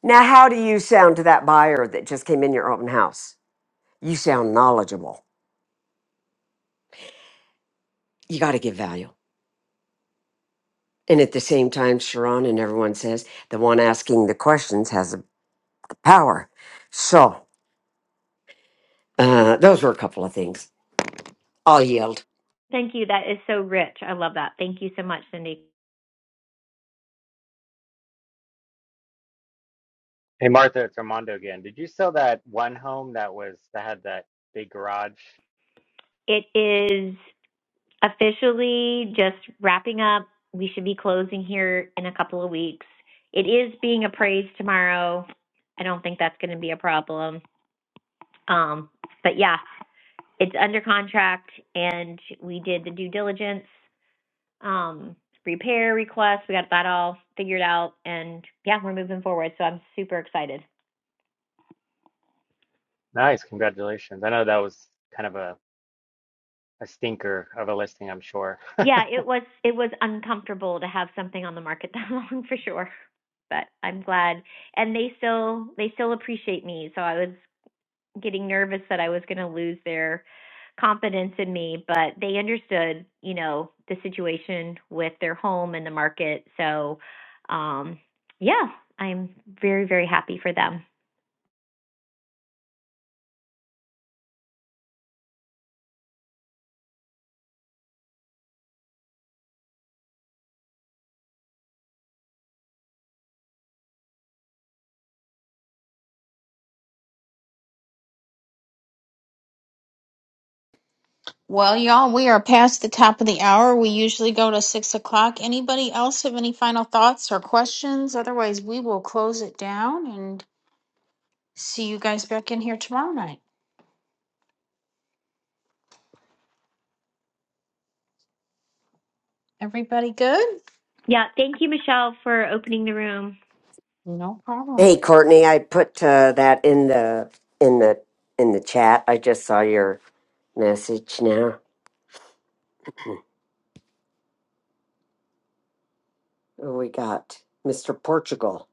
[SPEAKER 8] Now, how do you sound to that buyer that just came in your open house? You sound knowledgeable. You got to give value. And at the same time, Sharon and everyone says the one asking the questions has the power. So, uh, those were a couple of things. I'll yield.
[SPEAKER 3] Thank you. That is so rich. I love that. Thank you so much, Cindy.
[SPEAKER 11] Hey Martha, it's Armando again. Did you sell that one home that was that had that big garage?
[SPEAKER 3] It is officially just wrapping up. We should be closing here in a couple of weeks. It is being appraised tomorrow. I don't think that's going to be a problem. Um, but yeah, it's under contract and we did the due diligence um repair request we got that all figured out and yeah we're moving forward so i'm super excited
[SPEAKER 11] Nice, congratulations. I know that was kind of a a stinker of a listing, I'm sure.
[SPEAKER 3] yeah it was it was uncomfortable to have something on the market that long for sure but i'm glad and they still they still appreciate me so i was getting nervous that i was going to lose their confidence in me, but they understood, you know, the situation with their home and the market. So, um, yeah, I'm very, very happy for them.
[SPEAKER 1] Well, y'all, we are past the top of the hour. We usually go to six o'clock. Anybody else have any final thoughts or questions? Otherwise, we will close it down and see you guys back in here tomorrow night. Everybody good?
[SPEAKER 3] Yeah, thank you, Michelle, for opening the room.
[SPEAKER 1] No problem.
[SPEAKER 8] Hey, Courtney, I put uh, that in the in the in the chat. I just saw your message now. Who we got Mr. Portugal,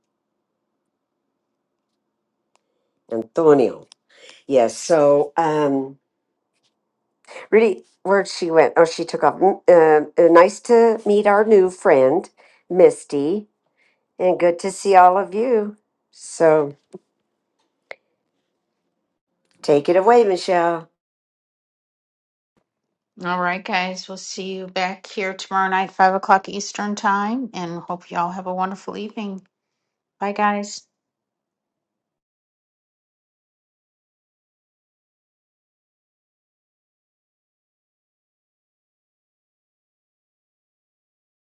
[SPEAKER 8] Antonio. Yes. so, um, Really, where she went? Oh, she took off. Mm, Um, uh, nice to meet our new friend, Misty, and good to see all of you. So take it away, Michelle.
[SPEAKER 1] All right, guys. We'll see you back here tomorrow night, 5 o'clock Eastern Time, and hope you all have a wonderful evening. Bye, guys.